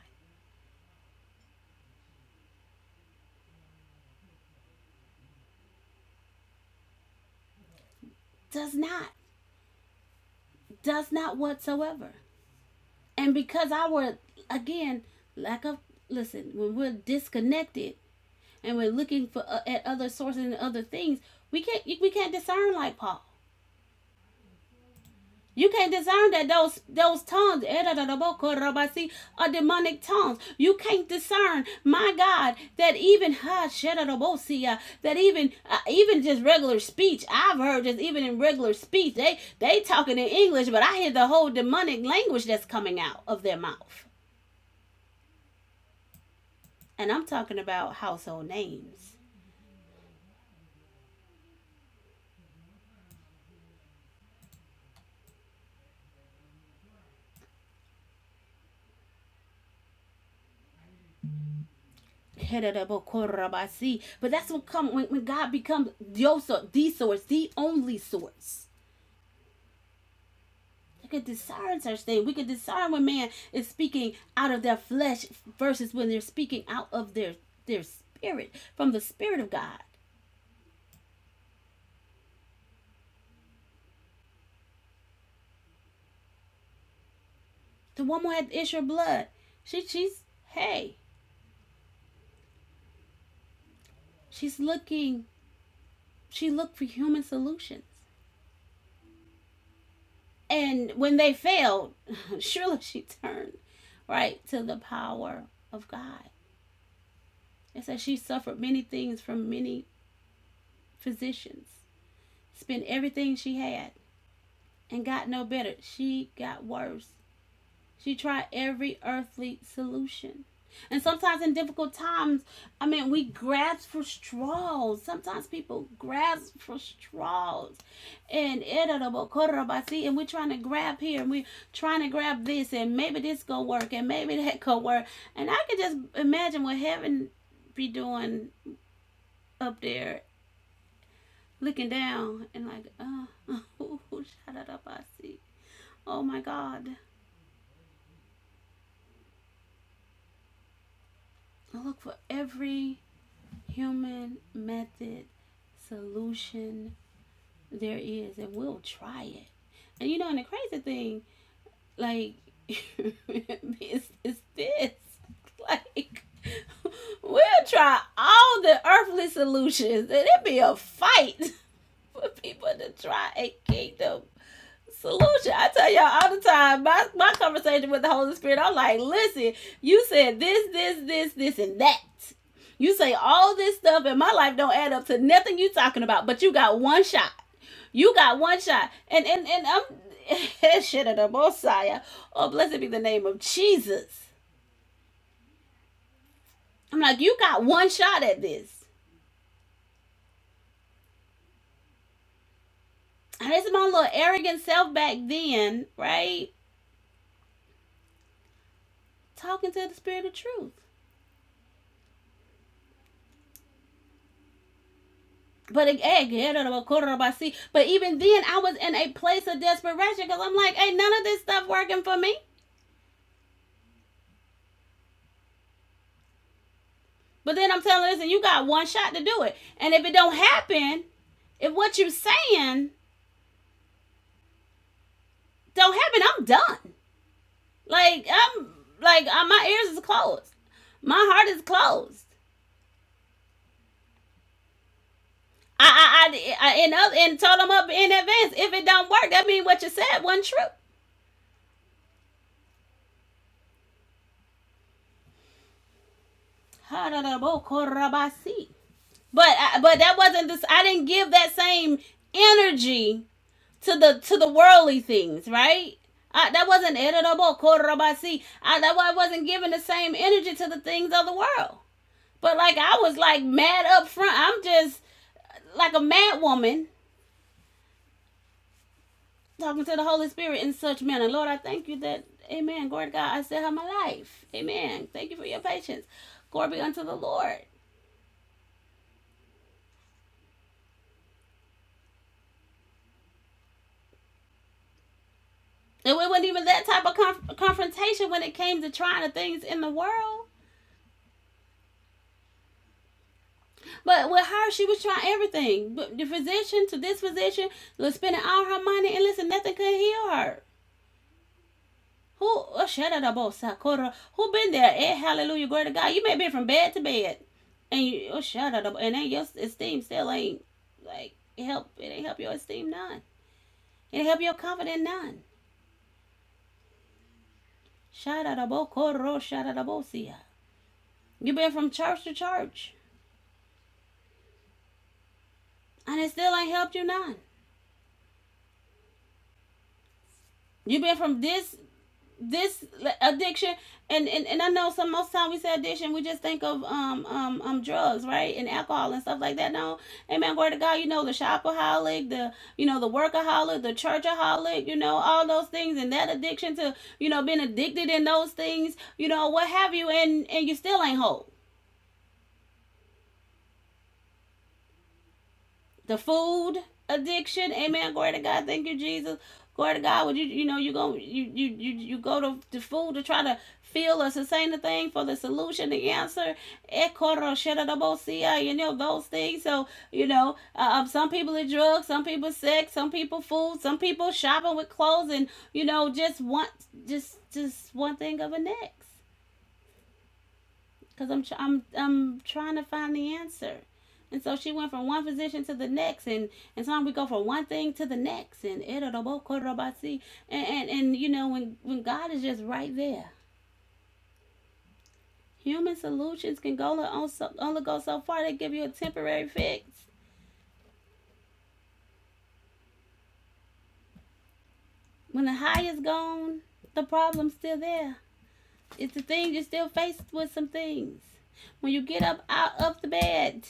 Speaker 2: Does not. Does not whatsoever. And because our, again, lack of, listen, when we're disconnected and we're looking for uh, at other sources and other things, we can't we can't discern like Paul. You can't discern that those those tongues eh, si, are demonic tongues. You can't discern, my God, that even ha si, uh, that even uh, even just regular speech. I've heard just even in regular speech, they they talking in English, but I hear the whole demonic language that's coming out of their mouth. And I'm talking about household names. Eh, si. But that's what come when, when God becomes your source, the source, the only source. They could discern such things. We could discern when man is speaking out of their flesh versus when they're speaking out of their their spirit from the spirit of God. The woman had the issue of blood. She she's hey, she's looking. She looked for human solutions. And when they failed, surely she turned right to the power of God. It says she suffered many things from many physicians, spent everything she had, and got no better. She got worse. She tried every earthly solution. And sometimes in difficult times, I mean, we grasp for straws. Sometimes people grasp for straws. And and we're trying to grab here and we're trying to grab this and maybe this gonna work and maybe that could work. And I can just imagine what heaven be doing up there, looking down and like, uh, oh, oh my God. I look for every human method solution there is, and we'll try it. And you know, and the crazy thing, like, is, is this. Like, we'll try all the earthly solutions, and it'd be a fight for people to try a kingdom Solution. I tell y'all all the time, my, my conversation with the Holy Spirit, I'm like, listen, you said this, this, this, this, and that. You say all this stuff, and my life don't add up to nothing you talking about, but you got one shot. You got one shot. And and and I'm shit of the Messiah. Oh, blessed be the name of Jesus. I'm like, you got one shot at this. And it's my little arrogant self back then, right? Talking to the spirit of truth. But again, yeah, no, no, but even then, I was in a place of desperation because I'm like, hey, none of this stuff working for me. But then I'm telling, you, listen, you got one shot to do it, and if it don't happen, if what you're saying don't happen, I'm done. Like I'm, like uh, my ears is closed, my heart is closed. I, I, I, I and, other, and told them up in advance if it don't work, that mean what you said wasn't true. But I, but that wasn't this. I didn't give that same energy to the to the worldly things, right? I, that wasn't editable, korobasi. I, that why I wasn't giving the same energy to the things of the world. But like I was like mad up front. I'm just like a mad woman talking to the Holy Spirit in such manner. Lord, I thank you that, Amen. Glory to God. I still have my life. Amen. Thank you for your patience. Glory be unto the Lord. And it wasn't even that type of conf- confrontation when it came to trying the things in the world But with her, she was trying everything. But the physician to this physician was spending all her money, and listen, nothing could heal her. Who oh, shut it up, oh, Sakura? Who been there? Eh, hallelujah, glory to God. You may be from bed to bed, and you oh, shut it up, and then your esteem still ain't like it help. It ain't help your esteem none. It ain't help your confidence none. Shut it up, oh, Koro, shut it up, oh, see ya. You been from church to church, and it still ain't helped you none. You been from this this addiction and, and and i know some most time we say addiction we just think of um um um drugs right and alcohol and stuff like that no amen word to god you know the shopaholic the you know the workaholic the churchaholic you know all those things and that addiction to you know being addicted in those things you know what have you and and you still ain't whole the food addiction. Amen. Glory to God. Thank you, Jesus. Glory to God. Would you you know you go you you you, you go to the food to try to feel us and the thing for the solution, the answer. Ekoro shedadabosia, You know those things. So you know uh, um, some people are drugs, some people sex, some people food, some people shopping with clothes, and you know just one just just one thing of the next because I'm, I'm, I'm trying to find the answer. And so she went from one physician to the next, and, and sometimes we go from one thing to the next, and and and, and you know when, when God is just right there, human solutions can go on so, only go so far. They give you a temporary fix. When the high is gone, the problem's still there. It's the thing you're still faced with some things. When you get up out of the bed,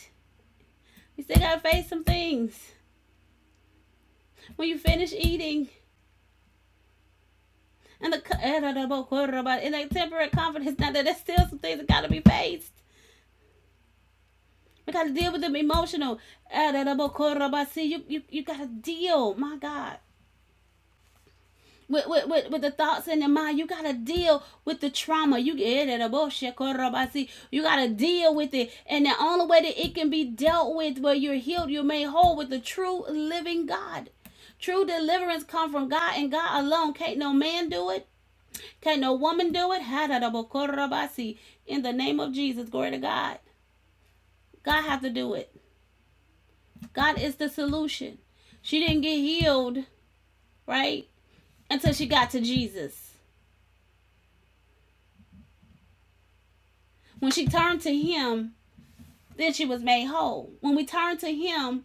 Speaker 2: you still gotta face some things. When you finish eating, And the in that temperate confidence, now that there's still some things that gotta be faced. We gotta deal with them emotional. See, you you you gotta deal, my God. With, with, with, with the thoughts in your mind, you gotta deal with the trauma. You you gotta deal with it. And the only way that it can be dealt with where you're healed, you're made whole with the true living God. True deliverance come from God and God alone. Can't no man do it. Can no woman do it? In the name of Jesus, glory to God. God has to do it. God is the solution. She didn't get healed, right? Until she got to Jesus. When she turned to him, then she was made whole. When we turn to him,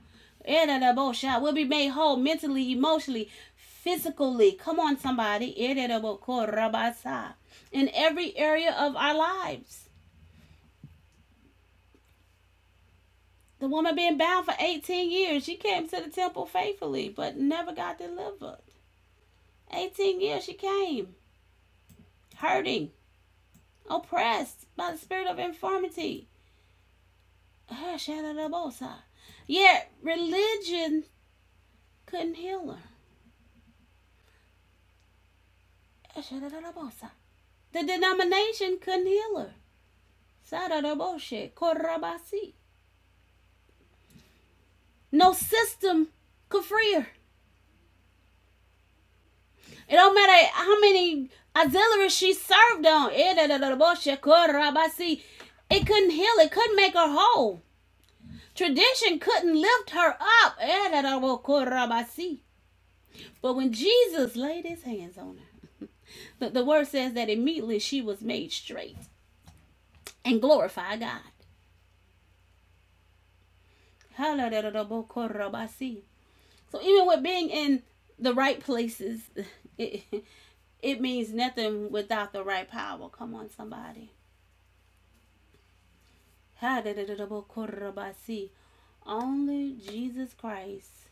Speaker 2: we will be made whole mentally, emotionally, physically. Come on, somebody. In every area of our lives. The woman been bound for 18 years. She came to the temple faithfully, but never got delivered. 18 years she came, hurting, oppressed by the spirit of infirmity. Yet religion couldn't heal her. The denomination couldn't heal her. No system could free her. It don't matter how many auxiliaries she served on. It couldn't heal. It couldn't make her whole. Tradition couldn't lift her up. But when Jesus laid his hands on her, the, the word says that immediately she was made straight and glorified God. So even with being in the right places, it, it means nothing without the right power. Come on, somebody. Only Jesus Christ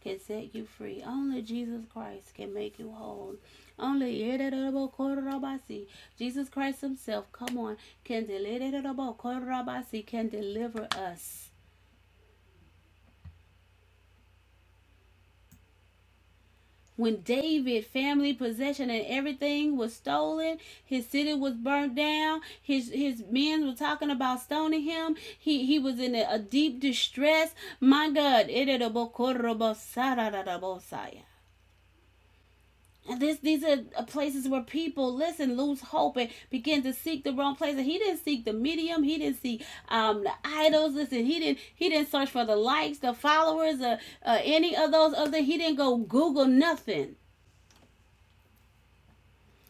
Speaker 2: can set you free. Only Jesus Christ can make you whole. Only Jesus Christ Himself, come on, can deliver can deliver us When David family possession and everything was stolen, his city was burned down, his his men were talking about stoning him. He he was in a, a deep distress. My God, it and this, these are uh, places where people listen, lose hope, and begin to seek the wrong places. He didn't seek the medium. He didn't seek um, the idols. Listen, he didn't. He didn't search for the likes, the followers, or uh, any of those other. He didn't go Google nothing.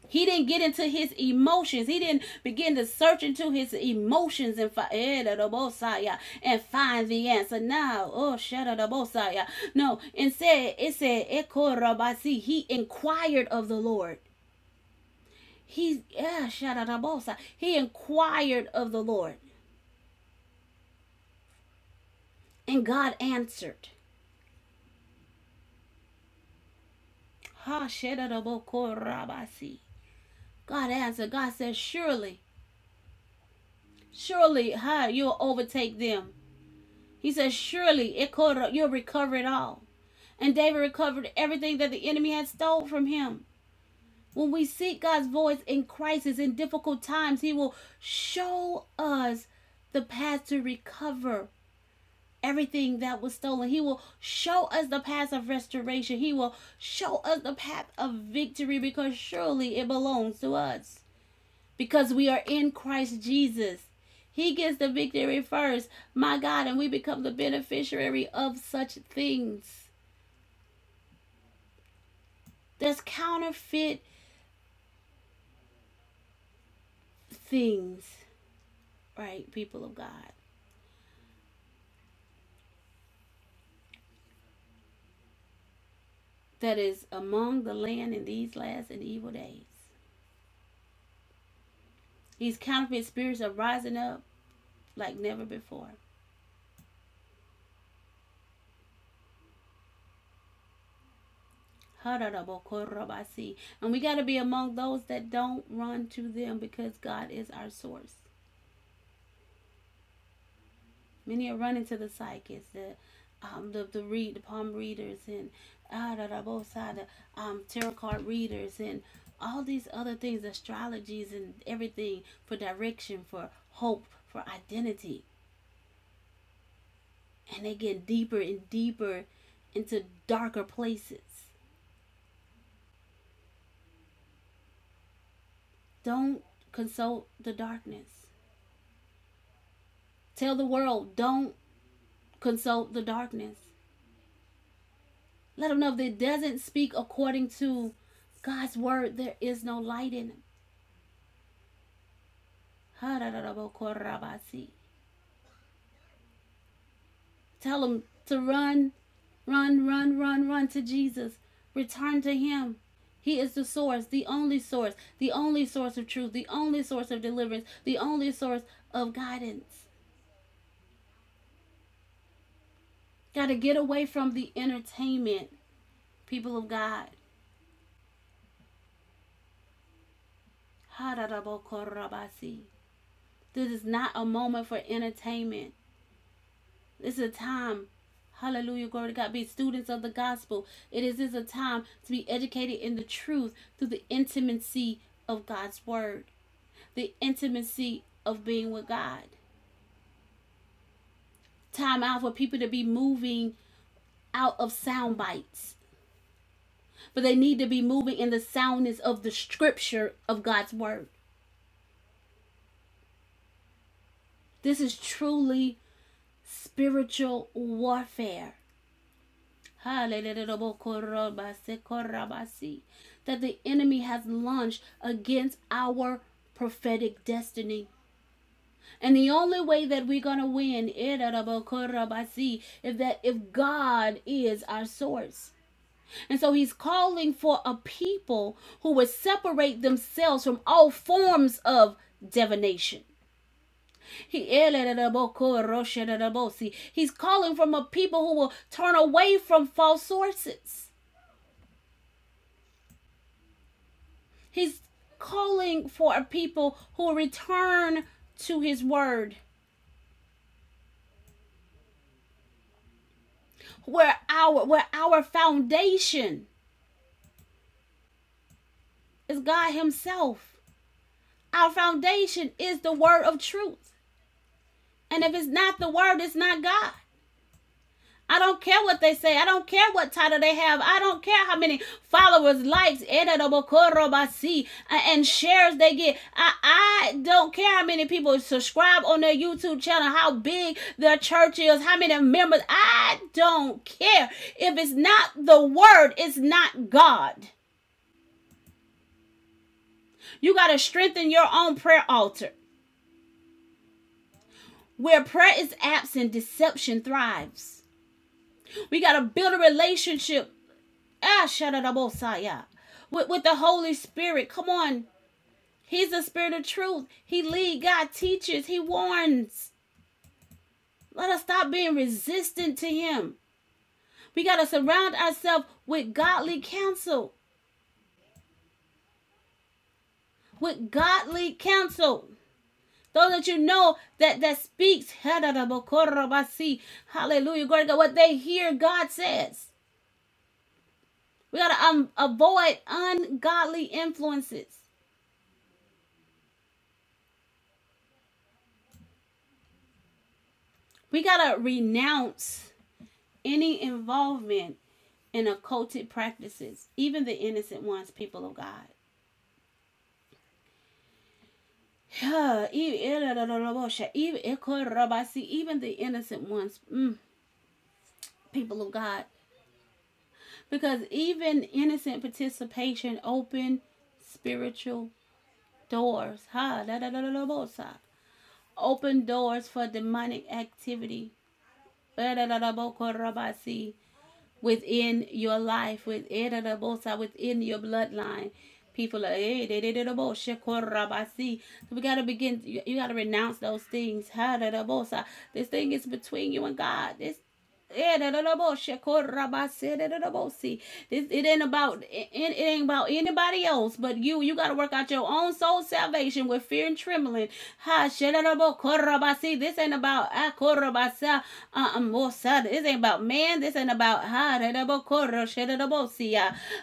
Speaker 2: He didn't get into his emotions. He didn't begin to search into his emotions and find and find the answer. Now, oh Shadabosaya. No, instead it said Ekorabasi. He inquired of the Lord. He yeah, Shadadabosa. He inquired of the Lord. And God answered. Ha Shadadabokorabasi. God answered. God said, Surely, surely, ha, you'll overtake them. He says, Surely, Ikora, you'll recover it all. and David recovered everything that the enemy had stole from him. When we seek God's voice in crisis, in difficult times, He will show us the path to recover everything that was stolen. He will show us the path of restoration. He will show us the path of victory because surely it belongs to us. Because we are in Christ Jesus. He gets the victory first, my God, and we become the beneficiary of such things. There's counterfeit things, right, people of God, that is among the land in these last and evil days. These counterfeit spirits are rising up like never before. And we got to be among those that don't run to them because God is our source. Many are running to the psychics, the um, the the read the palm readers and ah da da both side the um tarot card readers and all these other things, astrologies and everything for direction, for hope, for identity, and they get deeper and deeper into darker places. Don't consult the darkness. Tell the world, don't consult the darkness. Let them know if it doesn't speak according to God's word, there is no light in him. Tell them to run, run, run, run, run to Jesus. Return to Him. He is the source, the only source, the only source of truth, the only source of deliverance, the only source of guidance. Got to get away from the entertainment, people of God. This is not a moment for entertainment. It's a time. Hallelujah, glory to God. Be students of the gospel. It is, is a time to be educated in the truth through the intimacy of God's word, the intimacy of being with God. Time out for people to be moving out of sound bites, but they need to be moving in the soundness of the scripture of God's word. This is truly spiritual warfare. that the enemy has launched against our prophetic destiny. And the only way that we're gonna win is that if God is our source. And so he's calling for a people who would separate themselves from all forms of divination. He's calling from a people who will turn away from false sources. He's calling for a people who return to his word, where our where our foundation is God himself. Our foundation is the word of truth. And if it's not the word, it's not God. I don't care what they say. I don't care what title they have. I don't care how many followers, likes, and shares they get. I, I don't care how many people subscribe on their YouTube channel, how big their church is, how many members. I don't care. If it's not the word, it's not God. You got to strengthen your own prayer altar. Where prayer is absent, deception thrives. We got to build a relationship Ah, Shadadabosaya. With, with the Holy Spirit. Come on. He's the spirit of truth. He leads. God teaches, he warns. Let us stop being resistant to him. We got to surround ourselves with godly counsel. With godly counsel. Those that you know that that speaks. Shadadabokorobasi. Hallelujah. Glory to God. What they hear, God says. We got to um, avoid ungodly influences. We got to renounce. any involvement in occulted practices, even the innocent ones, people of God. Even the innocent ones, mm, people of God. Because even innocent participation open spiritual doors. Open doors for demonic activity. si. within your life, within the bosa, within your bloodline. People are hey, they did it about boss, shekorabasi. So we gotta begin. You, you gotta renounce those things. Ha, da, da, bosa. This thing is between you and God. This Eh, it da, da, bo, shekorabasi, da, da, da, bosi. This it ain't about it, it ain't about anybody else but you. You got to work out your own soul salvation with fear and trembling. This ain't about ah, uh, um, This ain't about man. This ain't about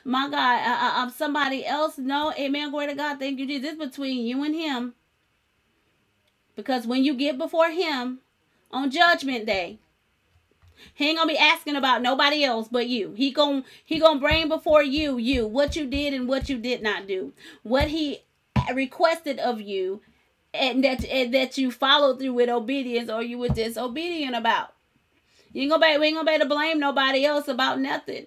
Speaker 2: My God, i uh, uh, um, somebody else. No, amen. Glory to God. Thank you, Jesus. This is between you and him. Because when you get before him on judgment day, he ain't gonna be asking about nobody else but you. He gonna he gonna bring before you you what you did and what you did not do, what he requested of you, and that and that you followed through with obedience or you were disobedient about. You ain't gonna be, we ain't gonna be able to blame nobody else about nothing.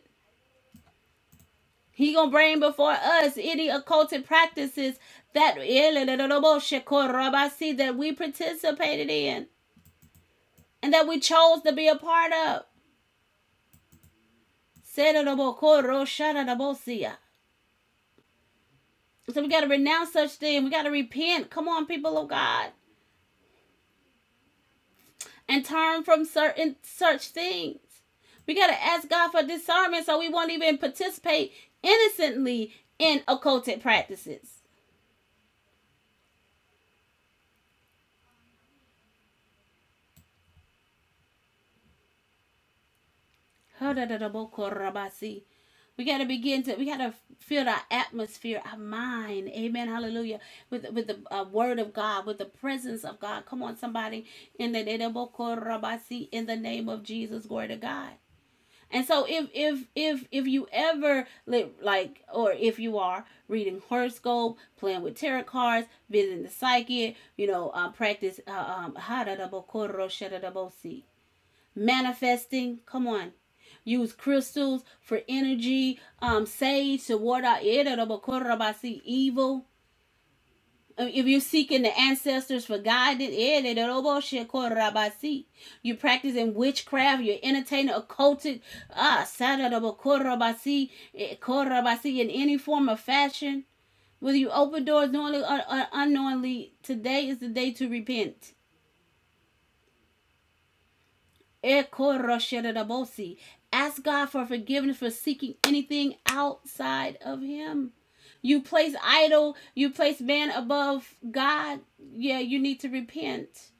Speaker 2: He gonna bring before us any occulted practices that eh, that we participated in and that we chose to be a part of. So we got to renounce such thing. We got to repent. Come on, people of God, and turn from certain such things. We got to ask God for discernment so we won't even participate innocently in occulted practices. We got to begin to, we got to fill our atmosphere, our mind, amen, hallelujah, with, with the uh, word of God, with the presence of God. Come on, somebody, in the name of Jesus, glory to God. And so if if if if you ever li- like or if you are reading horoscope, playing with tarot cards, visiting the psychic, you know, um, practice uh, um haradabokoro shadadabosi. manifesting. Come on. Use crystals for energy, um, sage to ward out irritablekorabasi, evil. If you're seeking the ancestors for guidance, eh, de- de- robo- you're practicing witchcraft, you're entertaining occultic, ah, sada- de- bo- ko- rabasi, eh, in any form or fashion. Whether you open doors knowingly or, unknowingly, today is the day to repent. Eh, ko- ro- Ask God for forgiveness for seeking anything outside of Him. You place idol, you place man above God. Yeah, you need to repent.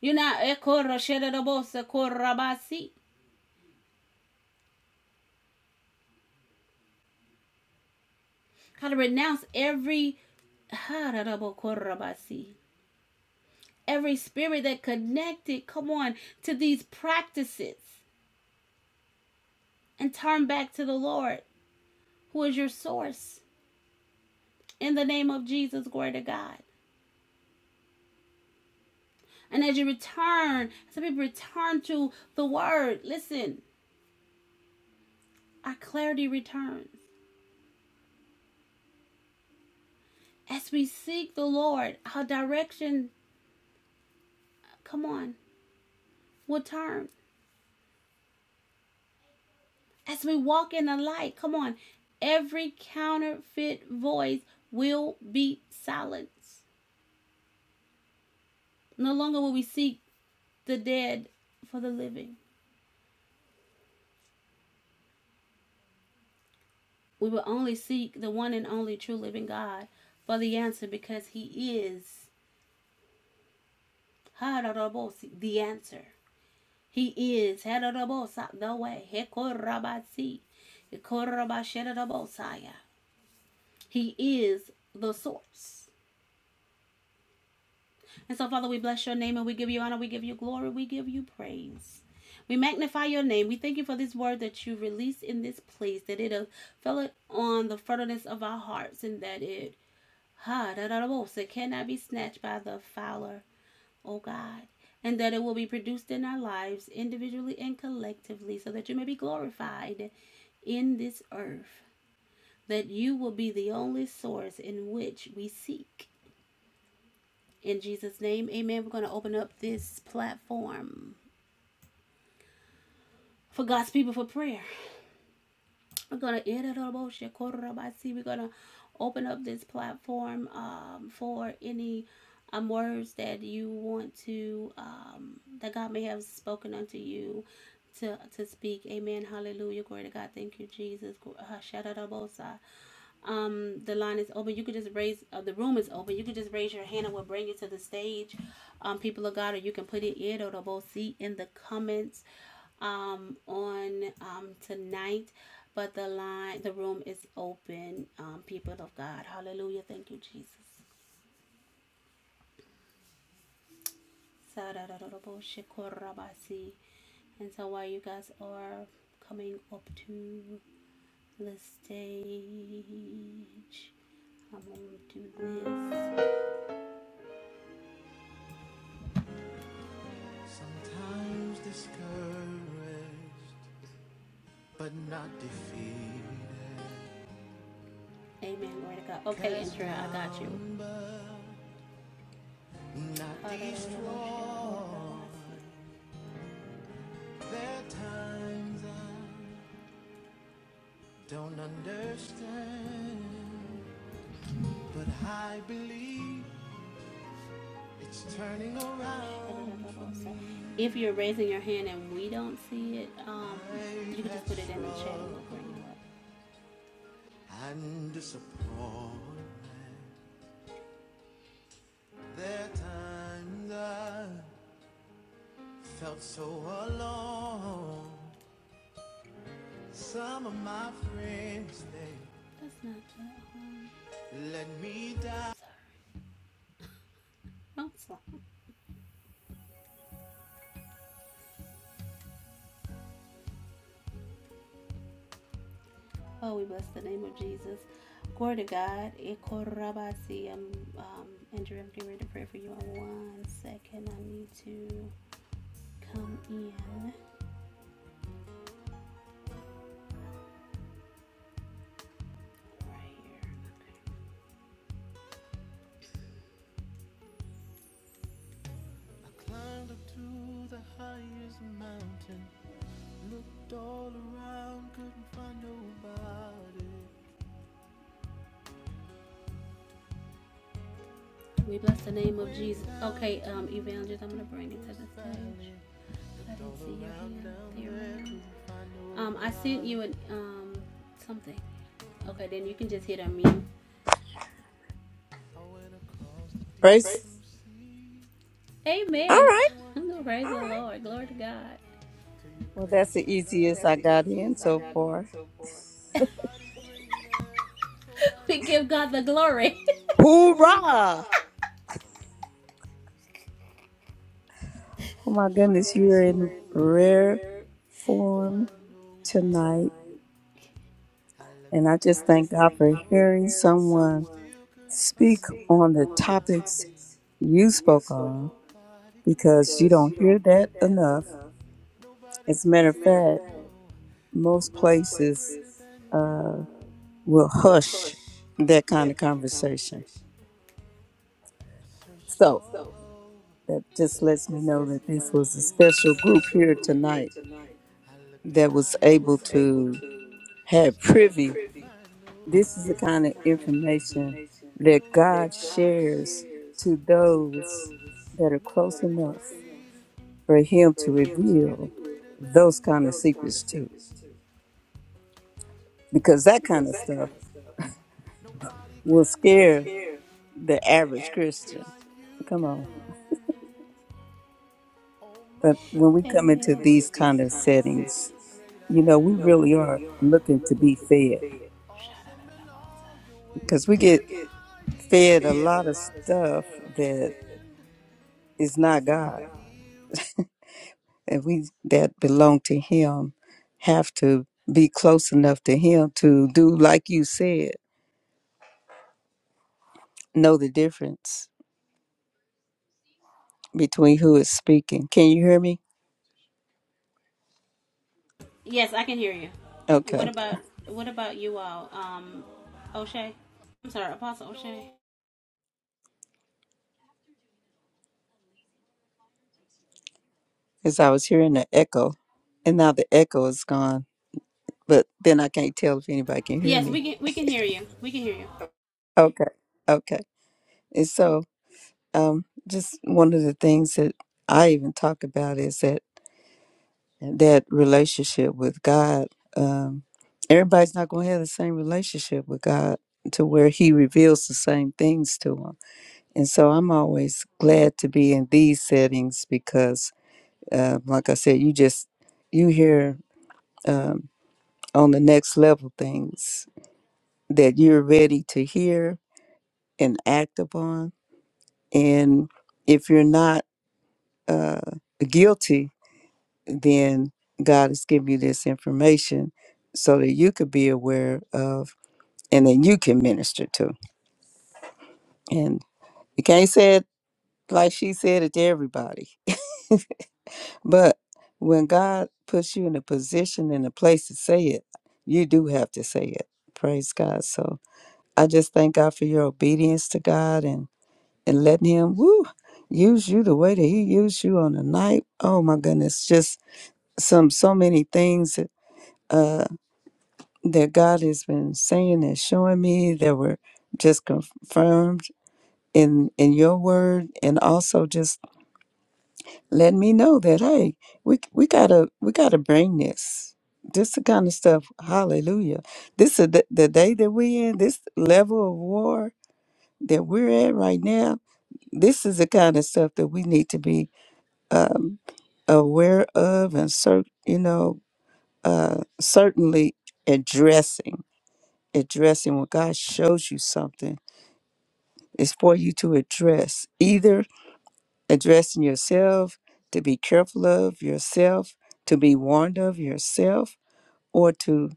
Speaker 2: You're not korabasi. Gotta renounce every korabasi. Every spirit that connected, come on, to these practices and turn back to the Lord, who is your source. In the name of Jesus, glory to God. And as you return, some people return to the word. Listen, our clarity returns. As we seek the Lord, our direction, come on, will turn. as we walk in the light. Come on. Every counterfeit voice will be silenced. No longer will we seek the dead for the living. We will only seek the one and only true living God for the answer because He is Hararabosi, the answer. He is Hararabosa, the way. Hekorabasi, Hekorabashedabosaya. He is the source. And so, Father, we bless your name and we give you honor, we give you glory, we give you praise. We magnify your name. We thank you for this word that you released in this place, that it uh, fell it on the fertileness of our hearts, and that it ha da da da bo, so cannot be snatched by the fowler, oh God, and that it will be produced in our lives individually and collectively, so that you may be glorified in this earth, that you will be the only source in which we seek in Jesus' name, amen. We're going to open up this platform for God's people for prayer. We're going to, we're going to open up this platform um, for any um, words that you want to, um, that God may have spoken unto you to, to speak. Amen. Hallelujah. Glory to God. Thank you, Jesus. Gl- uh, Shadadabosa. Um, the line is open. You could just raise. Uh, the room is open. You could just raise your hand, and we'll bring you to the stage. Um, people of God, or you can put it in or both see in the comments. Um, on um tonight, but the line, the room is open. Um, people of God, Hallelujah. Thank you, Jesus. Sararararaboshikorabasi. And so while you guys are coming up to the stage, I'm gonna do this. Amen. Glory to God. Okay, Andrea, I got you. If you're raising your hand and we don't see it, um, you can just put it in the chat and we'll bring it up. That's not that hard. Sorry. do Oh, we bless the name of Jesus. Glory to God. Ikorabasi. Um, um, Andrea. I'm getting ready to pray for you in one second. I need to come in right here. Okay. We bless the name of Jesus. Okay, um, evangelist, I'm gonna bring it to the stage. I didn't see your hand. There it is. Um, I sent you an um something. Okay, then you can just hit on me.
Speaker 3: Praise.
Speaker 2: Praise.
Speaker 3: All
Speaker 2: Amen.
Speaker 3: right.
Speaker 2: praise All the right. Lord. Glory to God.
Speaker 3: Well, that's the easiest
Speaker 2: That's
Speaker 3: I got in
Speaker 2: it. I
Speaker 3: so
Speaker 2: got it in
Speaker 3: far.
Speaker 2: so far. We give God the glory.
Speaker 3: Hoorah! Oh my goodness, you're in rare form tonight. And I just thank God for hearing someone speak on the topics you spoke on because you don't hear that enough. As a matter of fact, most places uh, will hush that kind of conversation. So. That just lets me know that this was a special group here tonight that was able to have privy. This is the kind of information that God shares to those that are close enough for Him to reveal those kind of secrets to. Because that kind of stuff will scare the average Christian. Come on. But when we
Speaker 2: Amen.
Speaker 3: come into these kind of settings, you know, we really are looking to be fed. Because we get fed a lot of stuff that is not God. And we that belong to Him have to be close enough to Him to do, like you said, know the difference between who is speaking. Can you hear me?
Speaker 2: Yes, I can hear you. What
Speaker 3: Okay.
Speaker 2: about what about you all? Um, O'Shea. I'm sorry, Apostle O'Shea.
Speaker 3: Because I was hearing the echo, and now the echo is gone. But then I can't tell if anybody can hear
Speaker 2: Yes, we
Speaker 3: me.
Speaker 2: can we can hear you. We can hear you.
Speaker 3: Okay. Okay. And so, um, just one of the things that I even talk about is that. that relationship with God. Um, everybody's not going to have the same relationship with God to where He reveals the same things to them. And so I'm always glad to be in these settings because, uh, like I said, you just you hear um, on the next level things that you're ready to hear and act upon. And if you're not uh, guilty then God has given you this information so that you could be aware of and then you can minister to. And you can't say it like she said it to everybody. But when God puts you in a position and a place to say it, you do have to say it. Praise God. So I just thank God for your obedience to God and, and letting Him woo, use you the way that He used you on the night. Oh my goodness, just some so many things. that God has been saying and showing me that were just confirmed in in your word and also just letting me know that hey we we gotta we gotta bring this this the kind of stuff hallelujah this is the, the day that we in this level of war that we're at right now this is the kind of stuff that we need to be um, aware of and cer- you know uh, certainly addressing addressing when God shows you something, it's for you to address either addressing yourself, to be careful of yourself, to be warned of yourself, or to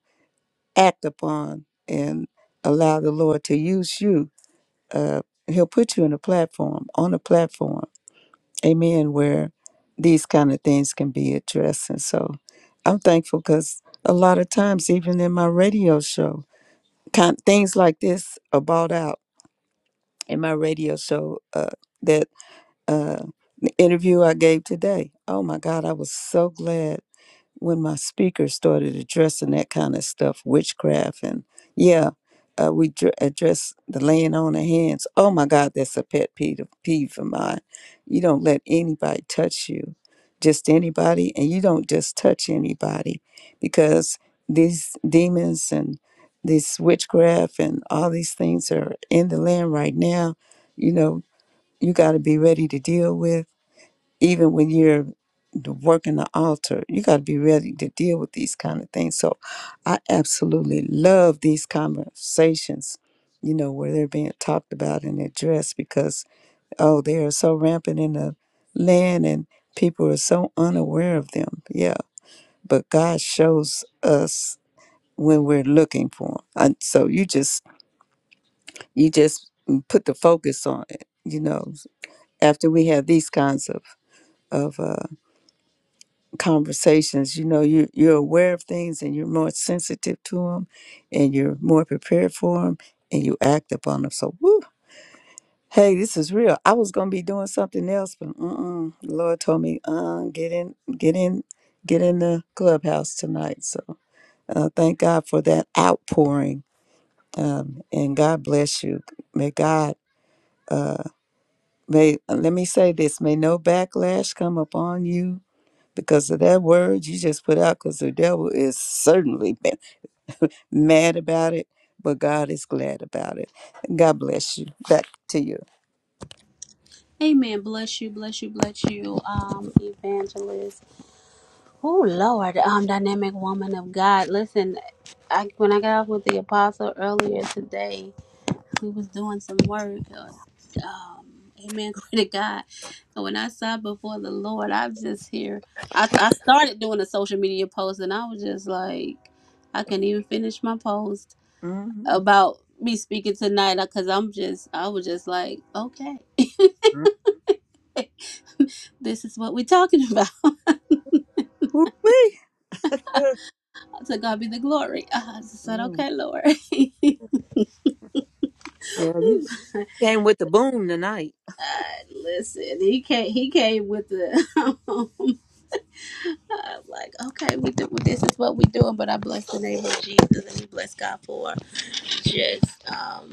Speaker 3: act upon and allow the Lord to use you. Uh, he'll put you in a platform, on a platform, amen, where these kind of things can be addressed. And so I'm thankful because a lot of times, even in my radio show, kind, things like this are brought out in my radio show uh, that uh, interview I gave today. Oh my God, I was so glad when my speaker started addressing that kind of stuff, witchcraft, and yeah, uh, we dr- address the laying on of hands. Oh my God, that's a pet peeve of, peeve of mine. You don't let anybody touch you, just anybody, and you don't just touch anybody because these demons and this witchcraft and all these things are in the land right now. You know, you got to be ready to deal with even when you're the work in the altar, you got to be ready to deal with these kind of things. So I absolutely love these conversations, you know, where they're being talked about and addressed because, oh, they are so rampant in the land and people are so unaware of them. Yeah. But God shows us when we're looking for them, And so you just, you just mm, put the focus on it, you know, after we have these kinds of, of, uh, conversations you know you you're aware of things and you're more sensitive to them and you're more prepared for them and you act upon them so woo, hey this is real i was gonna be doing something else but mm-mm, the lord told me uh, get in get in get in the clubhouse tonight so uh, thank god for that outpouring um, and god bless you may god may let me say this may no backlash come upon you because of that word you just put out because the devil is certainly been mad about it but god is glad about it god bless you back to you
Speaker 4: Amen. Bless you, bless you, bless you, um, evangelist. Oh Lord, um, dynamic woman of God. Listen, I when I got off with the apostle earlier today, we was doing some work. uh, Um, amen. Glory to God. And when I sat before the Lord, I was just here. I, I started doing a social media post, and I was just like, I couldn't even finish my post
Speaker 3: Mm-hmm.
Speaker 4: about me speaking tonight because I'm just, I was just like, okay. this is what we're talking about.
Speaker 3: Woo-wee.
Speaker 4: To God be the glory. Uh, I just said,
Speaker 3: Mm.
Speaker 4: okay, Lord.
Speaker 3: Yeah, we came with the boom tonight.
Speaker 4: Uh, listen, he came. He came with the. I'm like, okay, we do. This is what we doing. But I bless the name of Jesus, and we bless God for just um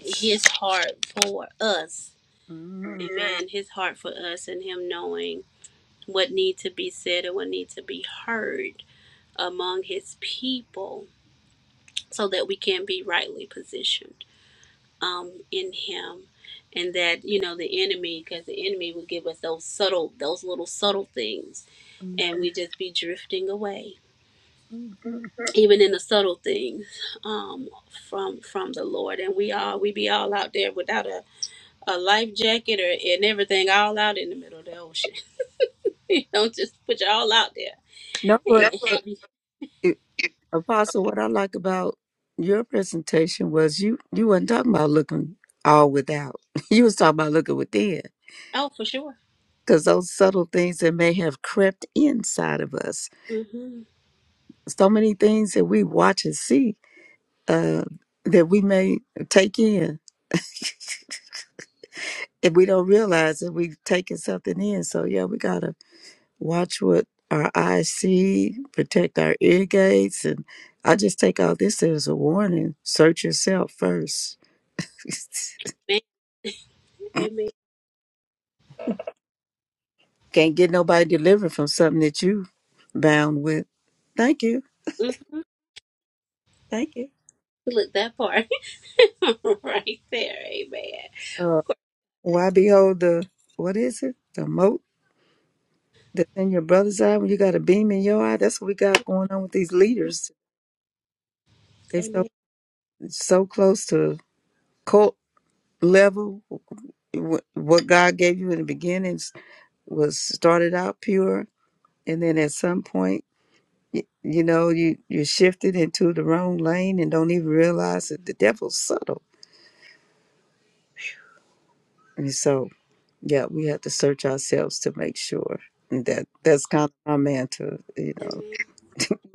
Speaker 4: His heart for us.
Speaker 3: Mm-hmm.
Speaker 4: Amen. His heart for us, and Him knowing what need to be said and what need to be heard among His people so that we can be rightly positioned um, in Him, and that you know the enemy, because the enemy will give us those subtle, those little subtle things, and we just be drifting away,
Speaker 3: Mm-hmm.
Speaker 4: even in the subtle things um, from from the Lord. And we all we be all out there without a, a life jacket or and everything, all out in the middle of the ocean. you know, just put you all out there.
Speaker 3: No,
Speaker 4: And,
Speaker 3: but
Speaker 4: That's right.
Speaker 3: uh,
Speaker 4: have you-
Speaker 3: it, Apostle, what I like about your presentation was you you weren't talking about looking all without. You was talking about looking within,
Speaker 4: oh, for sure.
Speaker 3: because those subtle things that may have crept inside of us
Speaker 4: hmm
Speaker 3: so many things that we watch and see uh, that we may take in if we don't realize that we've taken something in. So yeah, we gotta watch what our eyes see, protect our ear gates, and I just take all this as a warning. Search yourself first.
Speaker 4: Amen. Amen.
Speaker 3: Can't get nobody delivered from something that you bound with. Thank you,
Speaker 4: hmm
Speaker 3: thank you.
Speaker 4: Look that part. right there. Amen.
Speaker 3: Uh, why behold the what is it? The moat That's in your brother's eye when you got a beam in your eye. That's what we got going on with these leaders. They're so
Speaker 4: Amen.
Speaker 3: so close to cult level. Wh- What God gave you in the beginnings was started out pure, and then at some point, y- you know, you you're shifted into the wrong lane and don't even realize that the devil's subtle. And so, yeah, we have to search ourselves to make sure. And that that's kind of my mantra, you know.
Speaker 4: Amen.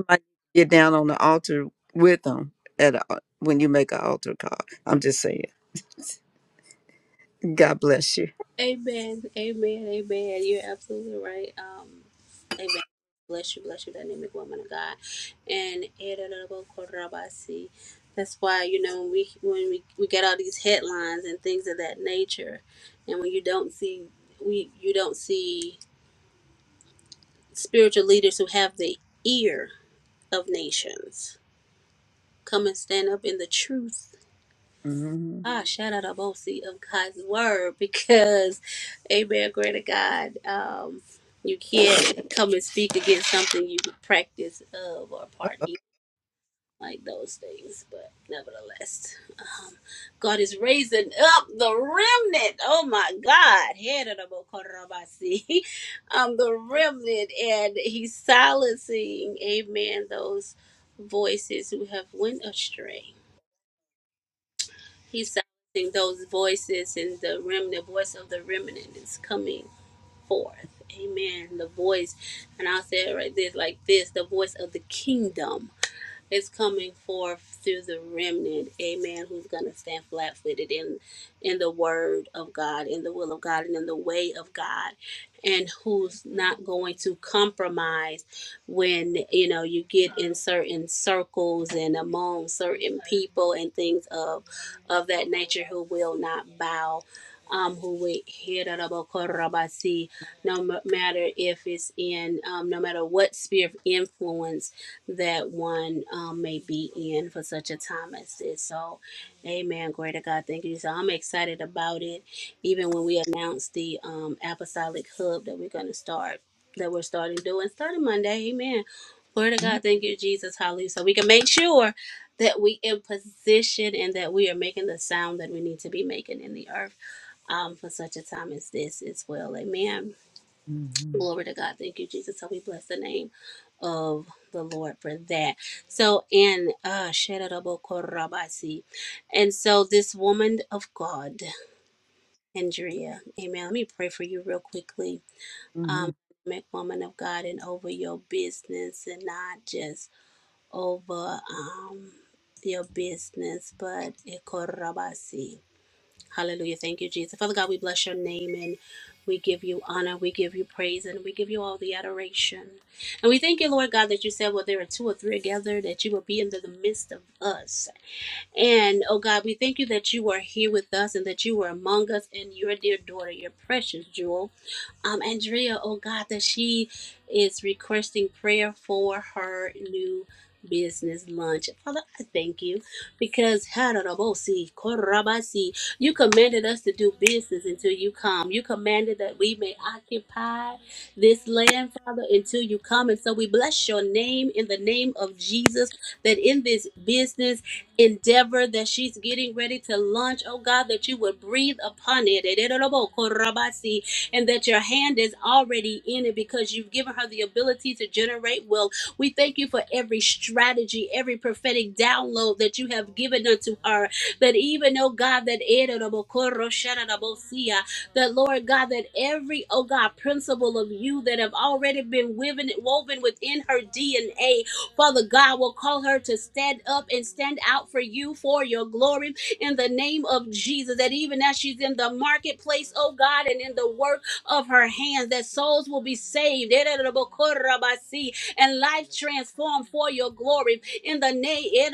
Speaker 3: might get down on the altar with them at a, when you make an altar call. I'm just saying. God bless you.
Speaker 4: Amen. Amen. Amen. You're absolutely right. Um, amen. Bless you, bless you, dynamic woman of God. And that's why, you know, when we when we, we get all these headlines and things of that nature and when you don't see we you don't see spiritual leaders who have the ear of nations come and stand up in the truth
Speaker 3: hmm
Speaker 4: Ah, shout out Abosi of God's word because, amen, greater God, um, you can't come and speak against something you practice of or part in, like those things. But nevertheless, God is raising up the remnant. Oh my God, head of the Bokorabasi, um, the remnant, and He's silencing, amen, those voices who have went astray. He's silencing those voices, and the remnant voice of the remnant is coming forth. Amen. The voice, and I'll say it right this like this the voice of the kingdom is coming forth through the remnant, amen, who's going to stand flat footed in, in the word of God, in the will of God, and in the way of God, and who's not going to compromise when, you know, you get in certain circles and among certain people and things of, of that nature who will not bow. Um, who we hear no matter if it's in um, no matter what sphere of influence that one um, may be in for such a time as this. So, amen. Glory to God. Thank you. So, I'm excited about it. Even when we announced the um, apostolic hub that we're going to start, that we're starting doing starting Monday. Amen. Glory to God. Thank you, Jesus. Hallelujah. So, we can make sure that we in position and that we are making the sound that we need to be making in the earth um, for such a time as this as well. Amen. Glory to God. Thank you, Jesus. So we bless the name of the Lord for that. So and uh Shedabo Korabasi. And so this woman of God, Andrea, amen. Let me pray for you real quickly.
Speaker 3: hmm
Speaker 4: Um make woman of God and over your business and not just over um your business, but eh, Korabasi. Hallelujah. Thank you, Jesus. Father God, we bless your name and we give you honor, we give you praise, and we give you all the adoration. And we thank you, Lord God, that you said, Well, there are two or three together, that you will be in the midst of us. And oh God, we thank you that you are here with us and that you are among us and your dear daughter, your precious jewel. Um, Andrea, oh God, that she is requesting prayer for her new business lunch. Father, I thank you because Hararabosi, Korabasi, you commanded us to do business until you come. You commanded that we may occupy this land, Father, until you come. And so we bless your name in the name of Jesus that in this business, endeavor that she's getting ready to launch. Oh God, that you would breathe upon it. And that your hand is already in it because you've given her the ability to generate wealth. We thank you for every strategy, every prophetic download that you have given unto her. That even, oh God, that ererobokoroshararabosia, that Lord God, that every, oh God, principle of you that have already been woven, woven within her DNA Father God will call her to stand up and stand out for you for your glory in the name of Jesus. That even as she's in the marketplace, oh God, and in the work of her hands, that souls will be saved and life transformed for your glory in the name in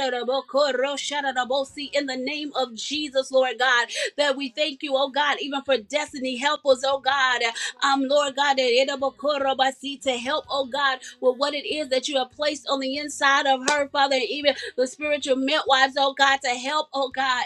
Speaker 4: the name of Jesus, Lord God. That we thank you, oh God, even for destiny helpers, oh God. Um, Lord God, that to help, oh God with what it is that you have placed on the inside of her, Father, and even the spiritual midwives, oh God, to help, oh God,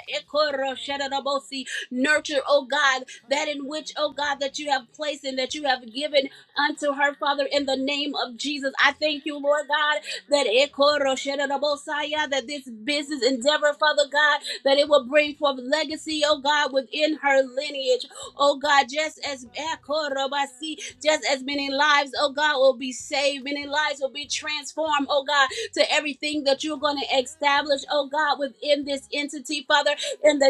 Speaker 4: nurture, oh God, that in which, oh God, that you have placed and that you have given unto her, Father, in the name of Jesus. I thank you, Lord God, that Ekorosherebosaya, that this business endeavor, Father God, that it will bring forth legacy, oh God, within her lineage, oh God, just as Ekorobasi, just as many lives, oh God, will be saved. Many lives will be transformed, oh God, to everything that you're going to establish, oh God, within this entity, Father, in the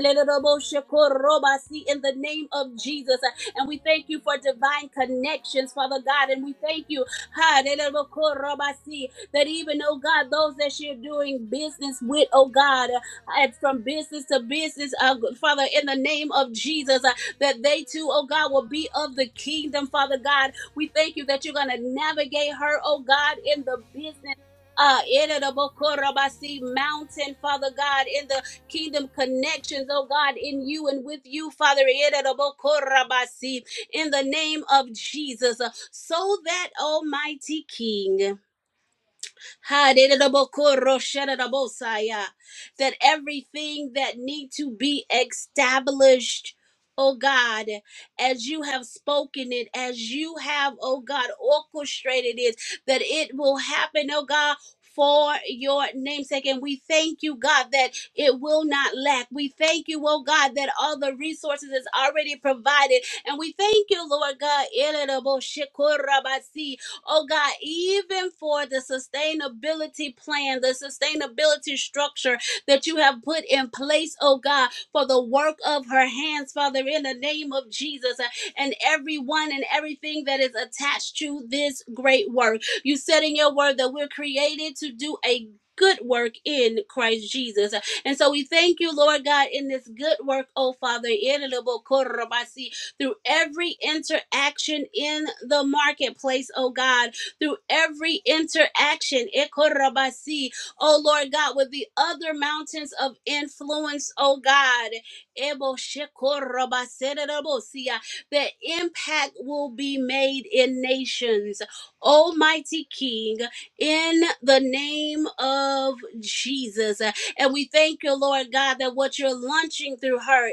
Speaker 4: in the name of Jesus. And we thank you for divine connections, Father God. And we thank you ha, that even, oh God, those that you're doing business with, oh God, and from business to business, uh, Father, in the name of Jesus that they too, oh God, will be of the kingdom, Father God. We thank you that you're going to navigate her, oh God, in the business. Uh, in the Bokorabasi mountain, Father God, in the kingdom connections, oh God, in you and with you, Father, in the Bokorabasi, in the name of Jesus, uh, so that Almighty King ha de de de bo That everything that need to be established, oh God, as you have spoken it, as you have, oh God, orchestrated it, that it will happen, oh God. For your namesake, and we thank you, God, that it will not lack. We thank you, oh God, that all the resources is already provided, and we thank you, Lord God. oh God, even for the sustainability plan, the sustainability structure that you have put in place, oh God, for the work of her hands, Father, in the name of Jesus, uh, and everyone and everything that is attached to this great work. You said in your word that we're created to do a Good work in Christ Jesus. uh, And so we thank you, Lord God, in this good work, oh Father through every interaction in the marketplace, oh God, through every interaction, Ekorabasi, oh Lord God, with the other mountains of influence, oh God, Ebo Eboshekorabaserebosia, the impact will be made in nations. Almighty King, in the name of Jesus. And we thank you, Lord God, that what you're launching through her,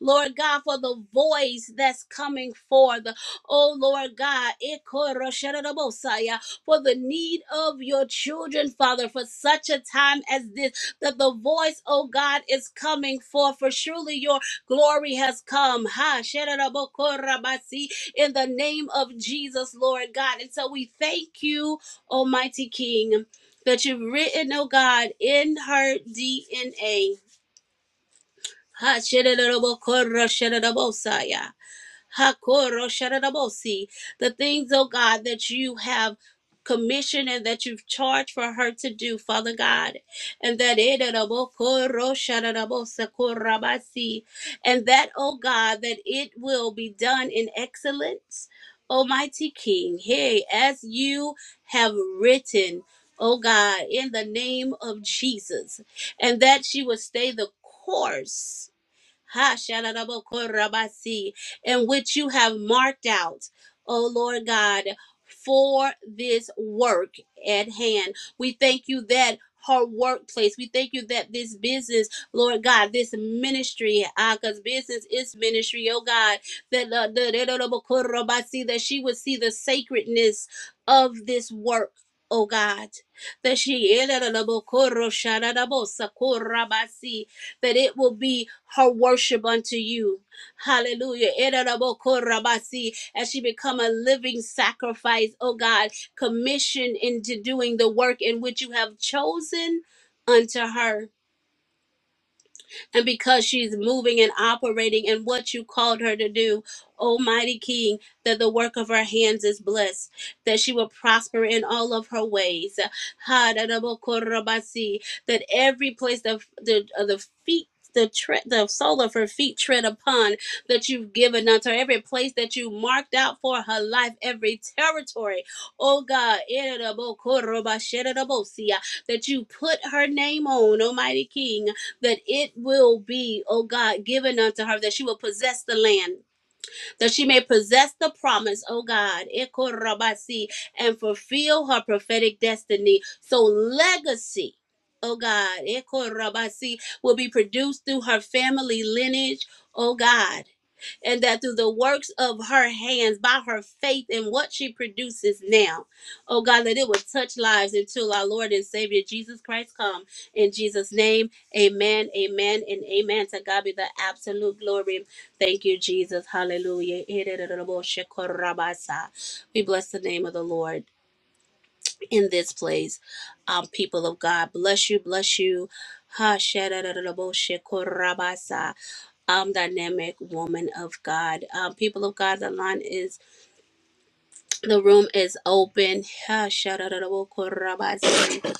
Speaker 4: Lord God, for the voice that's coming forth, oh Lord God, for the need of your children, Father, for such a time as this, that the voice, oh God, is coming forth, for surely your glory has come. Ha, sherabokorabasi, in the name of Jesus, Lord God. And so we thank you, Almighty King that you've written, oh God, in her DNA. Ha, shedadadabo, korra, shedadabosaya. Hakoro Shadadabosi. The things, oh God, that you have commissioned and that you've charged for her to do, Father God. And that Edadabokoro Shadadabosakorabasi. and that, oh God, that it will be done in excellence. Almighty King, hey, as you have written, oh God, in the name of Jesus, and that she will stay the course Ha Rabasi, in which you have marked out, O Lord God, for this work at hand. We thank you that her workplace. We thank you that this business, Lord God, this ministry, because business is ministry, oh God, that uh, the, the, Rabasi, that she would see the sacredness of this work. Oh God, that she that it will be her worship unto you. Hallelujah. Erarabokorabasi. As she become a living sacrifice, oh God, commissioned into doing the work in which you have chosen unto her and because she's moving and operating in what you called her to do. Almighty King, that the work of her hands is blessed, that she will prosper in all of her ways. Ha, da, da, bo, ko, ra, ba, si. That every place the the, uh, the feet the, tre- the sole of her feet tread upon that you've given unto her, every place that you marked out for her life, every territory, oh God, eh, da, da, bo, ko, ra, ba, she, da, da, bo, si, ah, that you put her name on, Almighty King that it will be, O God, given unto her, that she will possess the land, that she may possess the promise, O God, Ekorabasi, and fulfill her prophetic destiny. So, legacy. O God, Ekorabasi, will be produced through her family lineage. O God and that through the works of her hands, by her faith in what she produces now, oh God, that it would touch lives until our Lord and Savior Jesus Christ come. In Jesus' name, amen, amen, and amen. To God be the absolute glory. Thank you, Jesus. Hallelujah. We bless the name of the Lord in this place. Um, people of God, bless you, bless you. Ha, shadadadadaboshekorabasa um dynamic woman of God. Um, people of God, the line is the room is open. Ha, shadadadabokorabasi,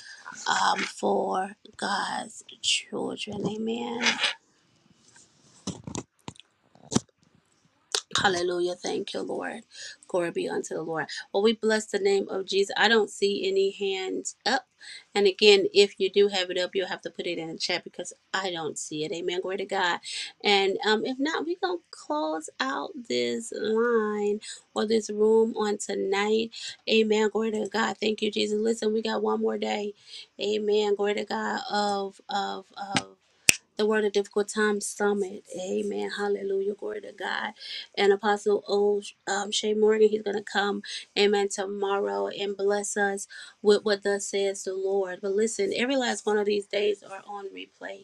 Speaker 4: Um, for God's children. Amen. Hallelujah. Thank you, Lord. Glory be unto the Lord. Well, we bless the name of Jesus. I don't see any hands up. And again, if you do have it up, you'll have to put it in the chat because I don't see it. Amen. Glory to God. And um, if not, we're going to close out this line or this room on tonight. Amen. Glory to God. Thank you, Jesus. Listen, we got one more day. Amen. Glory to God of, of, of, the Word of Difficult Times Summit. Amen. Hallelujah. Glory to God. And Apostle O. Um, Shay Morgan, he's going to come, amen, tomorrow and bless us with what thus says the Lord. But listen, every last one of these days are on replay.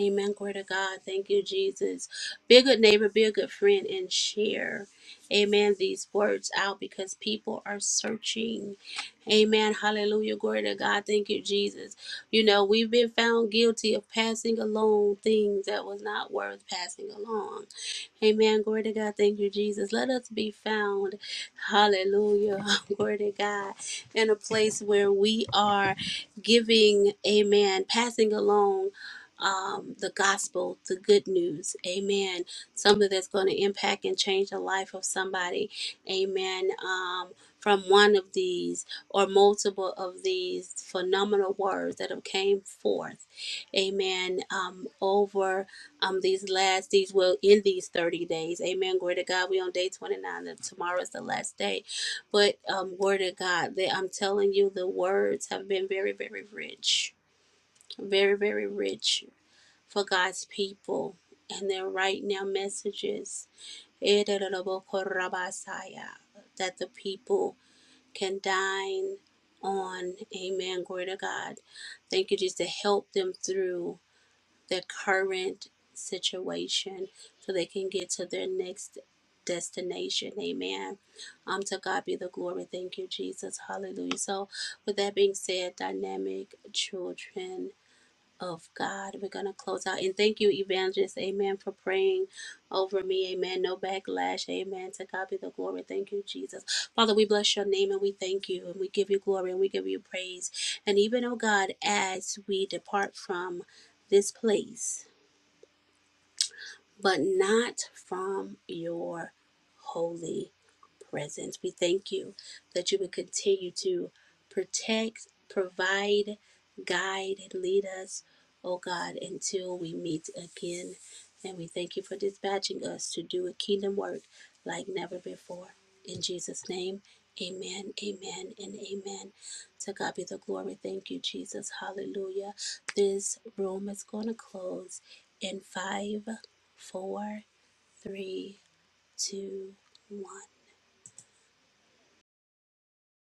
Speaker 4: Amen. Glory to God. Thank you, Jesus. Be a good neighbor, be a good friend, and share, amen, these words out because people are searching. Amen. Hallelujah. Glory to God. Thank you, Jesus. You know, we've been found guilty of passing along things that was not worth passing along. Amen. Glory to God. Thank you, Jesus. Let us be found. Hallelujah. Glory to God. In a place where we are giving, amen, passing along um, the gospel, the good news. Amen. Something that's going to impact and change the life of somebody. Amen. Um, from one of these or multiple of these phenomenal words that have came forth. Amen. Um, over um, these last, these will in these 30 days. Amen. Glory to God. We on day 29 and tomorrow is the last day. But um, word of God, that I'm telling you, the words have been very, very rich. Very, very rich for God's people and their right now messages that the people can dine on. Amen. Glory to God. Thank you, Jesus, to help them through their current situation so they can get to their next destination. Amen. Um, to God be the glory. Thank you, Jesus. Hallelujah. So, with that being said, dynamic children of God. We're going to close out. And thank you, Evangelist. Amen. For praying over me. Amen. No backlash. Amen. To God be the glory. Thank you, Jesus. Father, we bless your name and we thank you and we give you glory and we give you praise. And even, oh God, as we depart from this place, but not from your holy presence. We thank you that you would continue to protect, provide, guide, and lead us, oh God, until we meet again. And we thank you for dispatching us to do a kingdom work like never before. In Jesus' name, amen, amen, and amen. To God be the glory. Thank you, Jesus. Hallelujah. This room is going to close in five four, three, two, one.